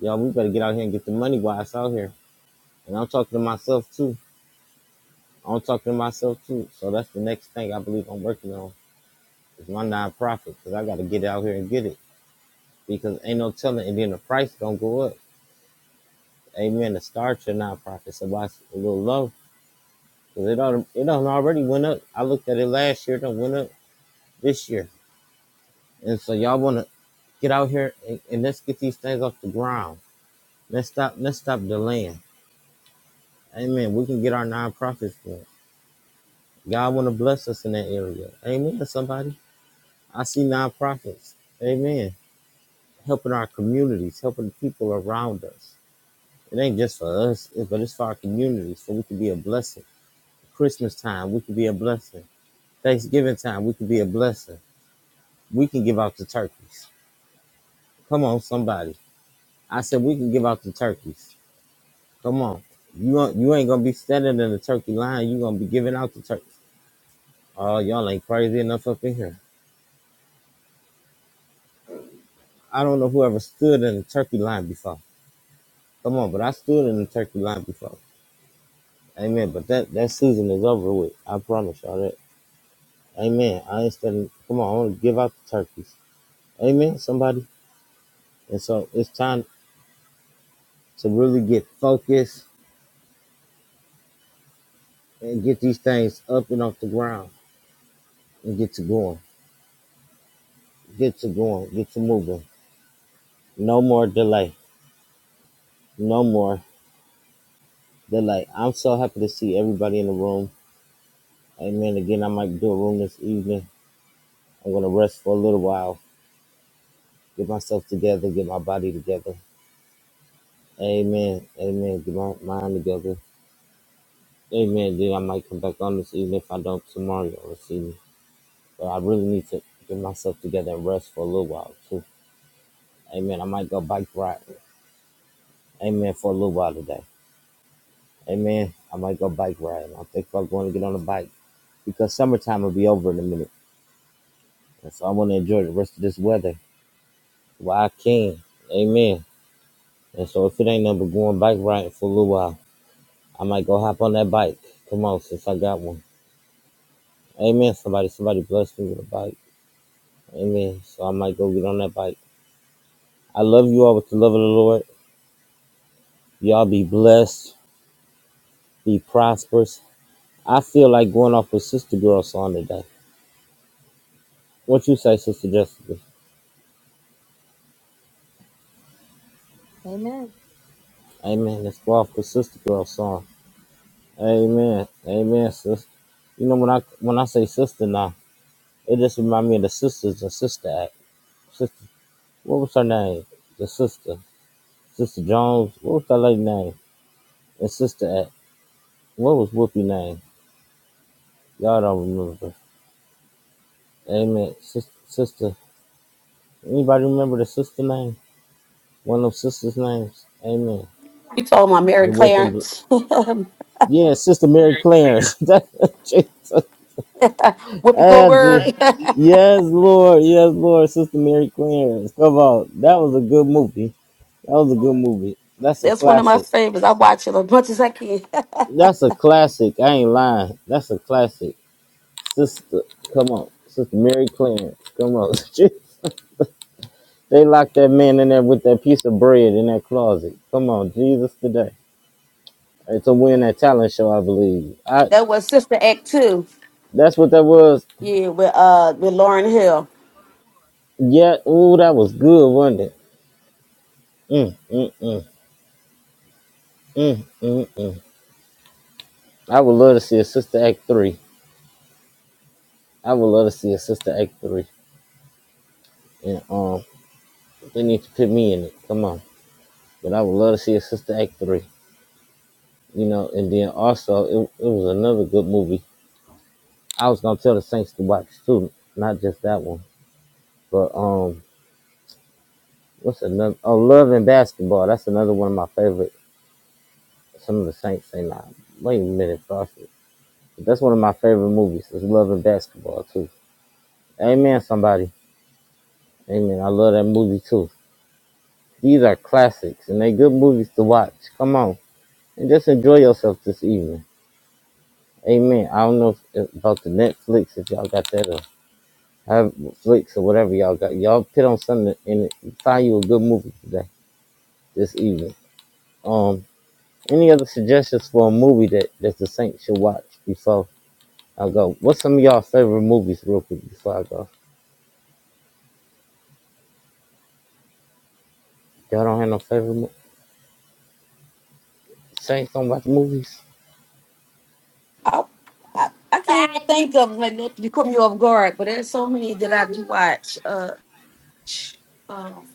Y'all, we better get out here and get the money while it's out here. And I'm talking to myself too. I'm talking to myself too. So that's the next thing I believe I'm working on is my nonprofit because I got to get out here and get it because ain't no telling. And then the price gonna go up. Amen. To start your nonprofit, so why it's a little low because it don't it done already went up. I looked at it last year. It done went up this year. And so y'all wanna get out here and, and let's get these things off the ground. Let's stop. Let's stop delaying. Amen. We can get our nonprofits going. God want to bless us in that area. Amen. Somebody, I see nonprofits. Amen. Helping our communities, helping the people around us. It ain't just for us, but it's for our communities, so we can be a blessing. Christmas time, we can be a blessing. Thanksgiving time, we can be a blessing. We can give out the turkeys. Come on, somebody. I said we can give out the turkeys. Come on. You gon- you ain't gonna be standing in the turkey line. You gonna be giving out the turkeys. Oh, y'all ain't crazy enough up in here. I don't know whoever stood in the turkey line before. Come on, but I stood in the turkey line before. Amen. But that, that season is over with. I promise y'all that. Amen. I ain't studying. Come on, I want to give out the turkeys. Amen, somebody. And so it's time to really get focused and get these things up and off the ground and get to going. Get to going. Get to moving. No more delay. No more delay. I'm so happy to see everybody in the room. Amen. Again, I might do a room this evening. I'm going to rest for a little while get myself together, get my body together. Amen. Amen. Get my mind together. Amen. Then I might come back on this evening if I don't tomorrow or this evening. But I really need to get myself together and rest for a little while too. Amen. I might go bike ride. Amen. For a little while today. Amen. I might go bike riding. I think I'm going to get on a bike because summertime will be over in a minute. And so I want to enjoy the rest of this weather while I can. Amen. And so if it ain't nothing but going bike riding for a little while, I might go hop on that bike. Come on, since I got one. Amen. Somebody, somebody bless me with a bike. Amen. So I might go get on that bike. I love you all with the love of the Lord. Y'all be blessed, be prosperous. I feel like going off with Sister Girl song today. What you say, Sister Jessica? Amen. Amen. Let's go off with Sister Girl song. Amen. Amen, sis. You know when I when I say sister now, it just reminds me of the sisters and sister act. Sister, what was her name? The sister, Sister Jones. What was that lady name? and sister at? What was Whoopi name? Y'all don't remember. Amen. Sis, sister, anybody remember the sister name? One of them sisters' names. Amen. You told my Mary The with them. Clarence, Whoopi Yeah, Sister Mary Clarence. That's what Jesus. Ah, Je- Goldberg. Yes, Lord. Yes, Lord. Sister Mary Clarence. Come on. That was a good movie. That was a good movie. That's a That's one of my classic. favorites. I watch it as much as I can. That's a classic. I ain't lying. That's a classic. Sister, come on. Sister Mary Clarence. Come on. They locked that man in there with that piece of bread in that closet. Come on, Jesus today. It's a win that talent show, I believe. I That was Sister Act Two. that's what that was. Yeah, with uh with Lauren Hill. Yeah, ooh, that was good, wasn't it? Mm, mm, mm, mm, mm, mm. I would love to see a sister act three. I would love to see a sister act three. And um they need to put me in it. Come on. But I would love to see a sister act three. You know, and then also it, it was another good movie. I was gonna tell the Saints to watch too, not just that one. But um What's another? Oh, Love and Basketball. That's another one of my favorite. Some of the Saints say not. Wait a minute, Prophet. That's one of my favorite movies. Is Love and Basketball too. Amen, somebody. Amen. I love that movie too. These are classics, and they good movies to watch. Come on, and just enjoy yourself this evening. Amen. I don't know if, about the Netflix if y'all got that or have Flix or whatever y'all got. Y'all put on something and find you a good movie today, this evening. Um. Any other suggestions for a movie that, that the Saints should watch before I go? What's some of y'all favorite movies real quick before I go? Y'all don't have no favorite mo- Saints don't watch movies? I I, I can't even think of like no- you caught me off guard, but there's so many that I do watch. Uh, um,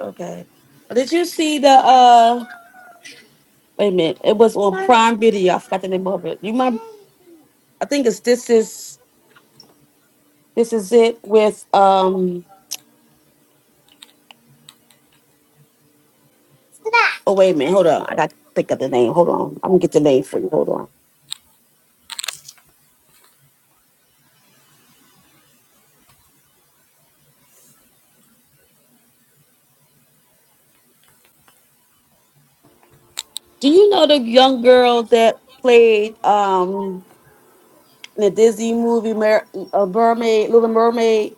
okay. Did you see the uh? Wait a minute. It was on Prime Video. I forgot the name of it. You might. I think it's this is this is it with um. Oh wait a minute. Hold on. I got to think of the name. Hold on. I'm gonna get the name for you. Hold on. Do you know the young girl that played um? the Disney movie, Mer- a Mermaid, Little Mermaid.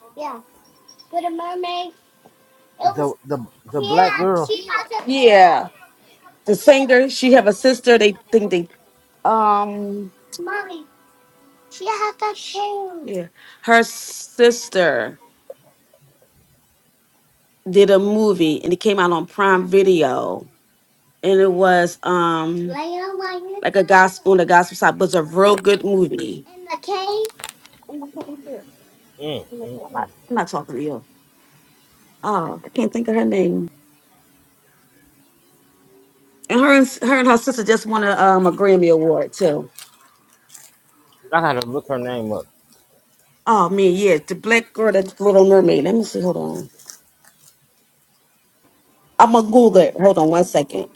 The the the black girl. Yeah, the singer. She have a sister. They think they um. Yeah, her sister did a movie, and it came out on Prime Video, and it was um like a gospel on the gospel side, but it's a real good movie. I'm not talking to you. Oh, I can't think of her name. And her and her and her sister just won a, um, a Grammy award too. I gotta look her name up. Oh man, yeah, the black girl that's Little Mermaid. Let me see. Hold on. I'm gonna Google it. Hold on one second.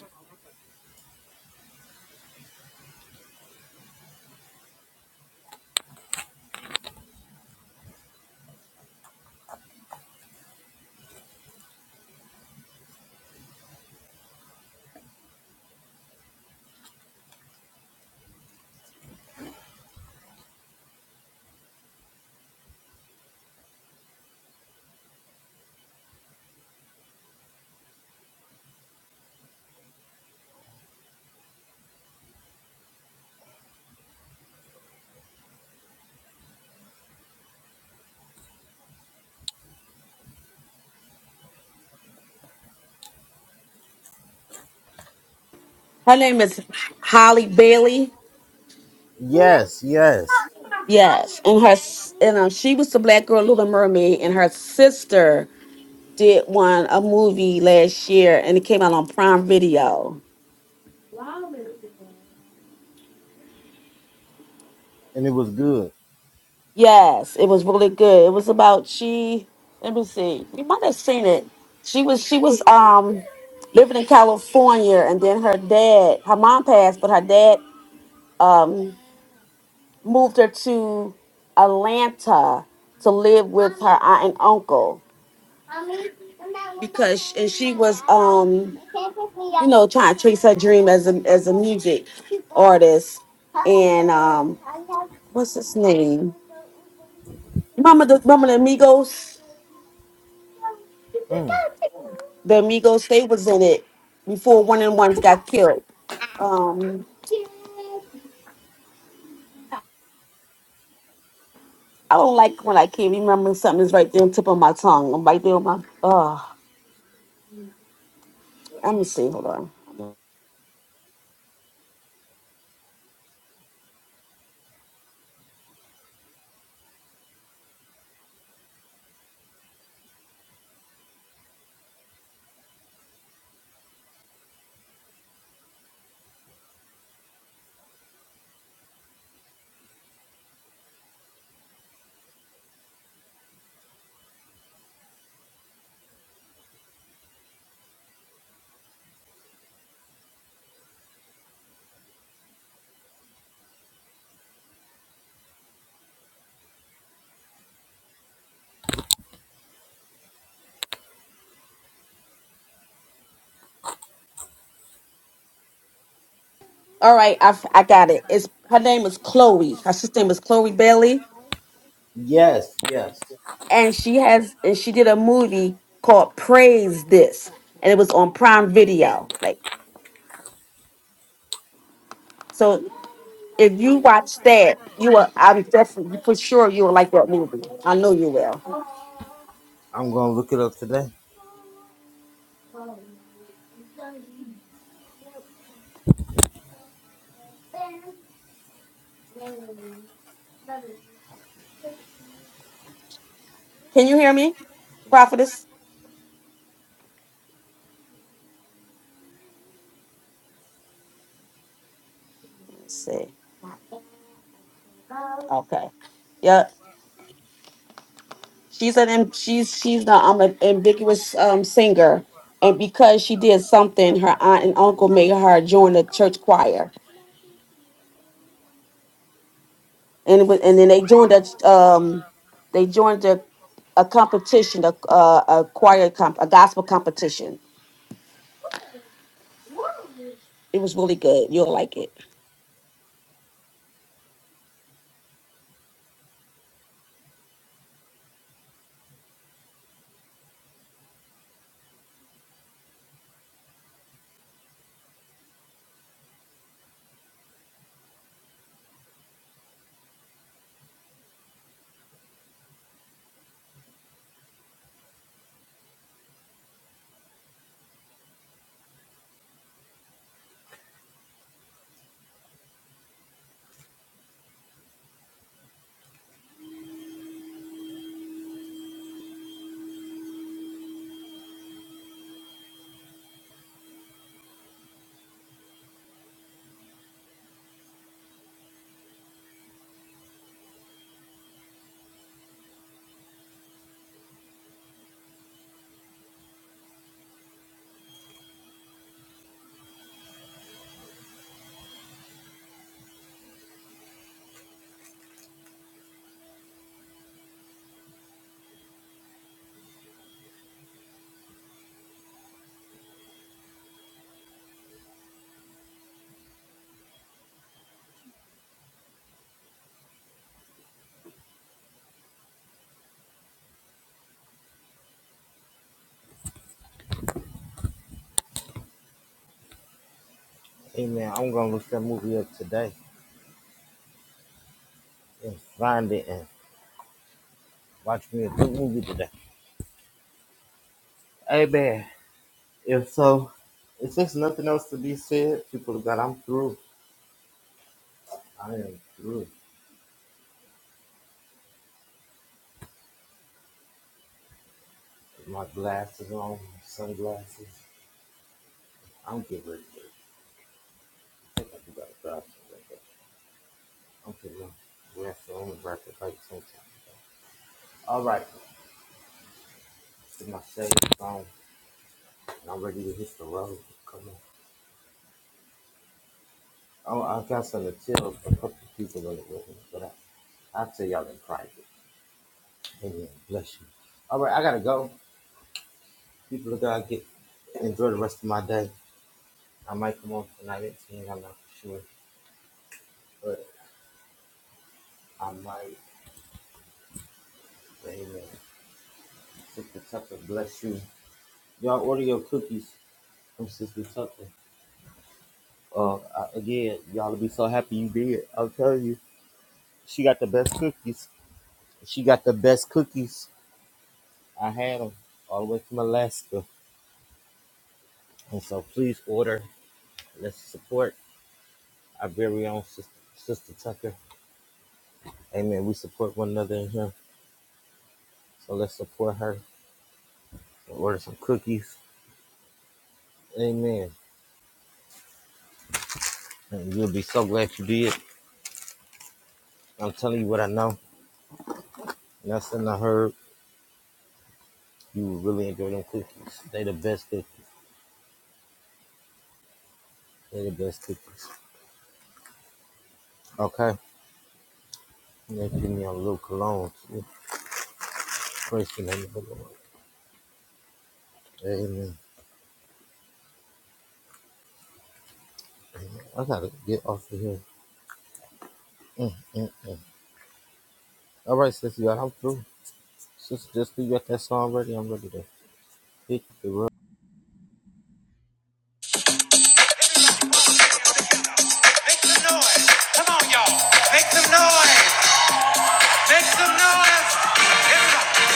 Her name is Holly Bailey. Yes, yes, Yes, and her s- and um, she was the black girl Little Mermaid, and her sister did one a movie last year, and it came out on Prime Video. and it was good. Yes, it was really good. It was about she. Let me see. You might have seen it. She was she was um living in California, and then her dad, her mom passed, but her dad. um. moved her to Atlanta to live with her aunt and uncle because and she was um you know trying to chase her dream as a as a music artist and um what's his name remember the remember the amigos Mm. the amigos they was in it before one and ones got killed um i don't like when i can't remember something that's right there on the tip of my tongue i'm right there on my uh let me see hold on All right, I've, I got it. It's her name is Chloe. Her sister name is Chloe Bailey, Yes, yes. and she has and she did a movie called Praise This, and it was on Prime Video. Like, so if you watch that, you will. I'm definitely for sure you will like that movie. I know you will. I'm gonna look it up today. Can you hear me, Prophetess? Let's see. Okay. Yep. She's an am- she's she's the um, an ambiguous um singer, and because she did something, her aunt and uncle made her join the church choir and it was, and then they joined a um they joined a a competition a a, a choir comp a gospel competition. It was really good. You'll like it. Amen. I'm gonna look that movie up today and find it and watch me a good movie today. If so, if there's nothing else to be said, people of God, I'm through. I am through. With my glasses on, sunglasses. I'm getting ready to I think I do got a job to do, I'm getting them glasses on and bright the lights on. All right, this is my shade phone, and I'm ready to hit the road. Come on. Oh, I got some to tell a couple of people in it with me, but I, I'll tell y'all in private. Amen. Bless you. All right, I gotta go. People of God, get enjoy the rest of my day. I might come on tonight at ten. I'm not sure, but I might. Amen. Sister Tucker, bless you. Y'all order your cookies from Sister Tucker. Uh, I- again, y'all will be so happy you did. i will tell you, she got the best cookies. She got the best cookies. I had them all the way from Alaska. And so please order. Let's support our very own Sister, Sister Tucker. Amen. We support one another in here. So let's support her and order some cookies. Amen. And you'll be so glad you did. I'm telling you what I know. Nothing I heard. You will really enjoy them cookies. They the best cookies. They the best cookies. Okay. That give me a little cologne. It's fresh in the name of the Lord. Amen. I gotta get off of here. Mm-mm. All right, sister, y'all, I'm through. Sister, just leave you at that song ready. I'm ready to hit Make some noise. Come on, y'all. Make some noise. Make some noise. Everybody.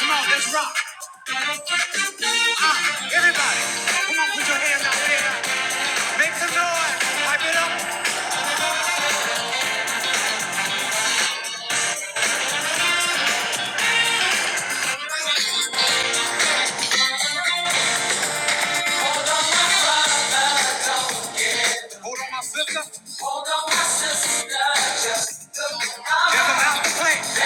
Come on, let's rock. Ah, everybody. Come on, put your hands out there. Make some noise. Pipe it up. Hold on, my sister. There's a mountain to play.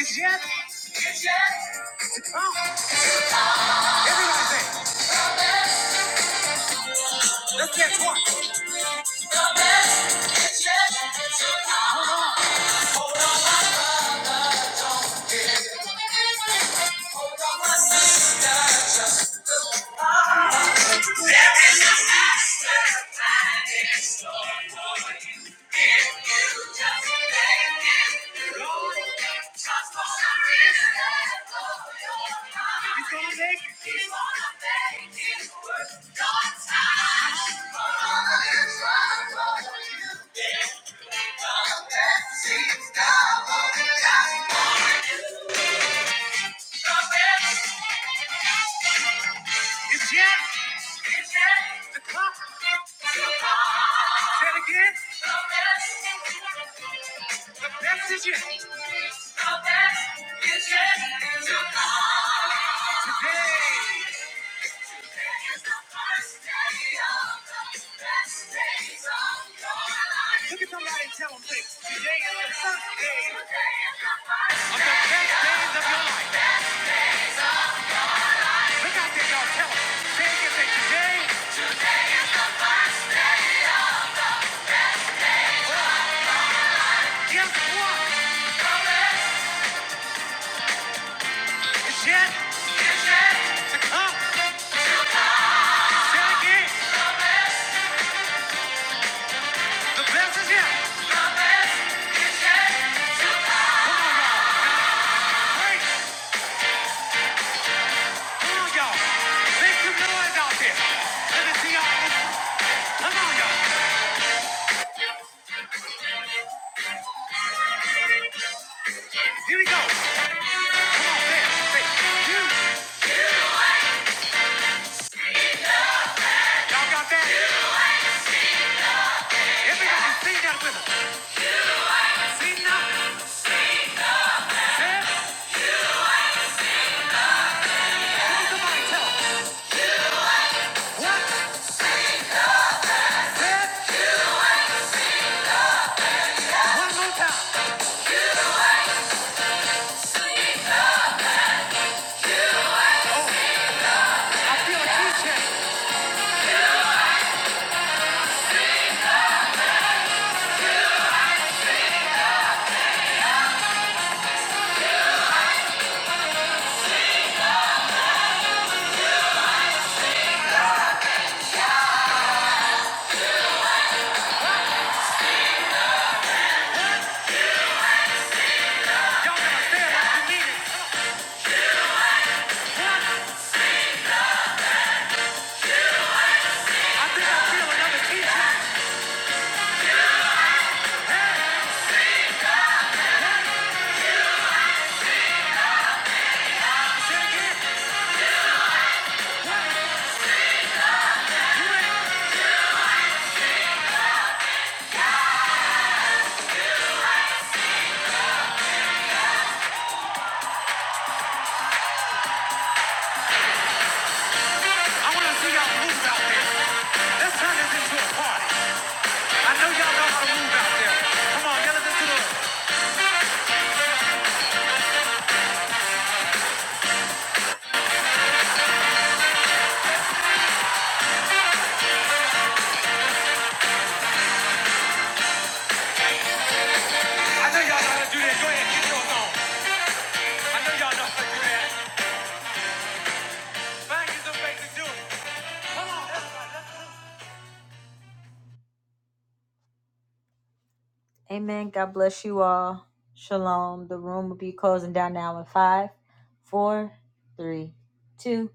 It's yet. Huh? Everybody say, let's get one. Let's dance one. Hold on, my sister, just look on. There is a master mind in store for you. If you just make it through, transform the risk of your He's gonna make it. He's gonna make it worth your time. He's gonna run for you. He's gonna let things down on the line for you. The best. It's yet. It's yet. The clock. The clock. Say it again. Message Look at somebody and tell them, say, today is the first day of the best days of your life. Look out there, y'all. Tell them. Say it again. Say, today, guess what? It's yet to come. Say it again. The best is yet. Come on, y'all. Break. Come on, y'all. Make some noise out there. Let me see y'all. Come on, y'all. Here we go. Come on, dance. Say, you. Y'all got that? Everybody sing that with us. Sing now. Dance. Come on, somebody tell us. One, dance. One more time. I feel a key change. Y'all gotta stand like you mean it. One. I think I feel another key change. Say it again. I want to see y'all move out there. Let's turn this into a party. I know y'all know how to move out there. Come on, yell it into the. I know y'all know how to do that. Go ahead, get yours on. I know y'all know how to do that. Bang is a basic dude. Amen. God bless you all. Shalom. The room will be closing down now in five, four, three, two.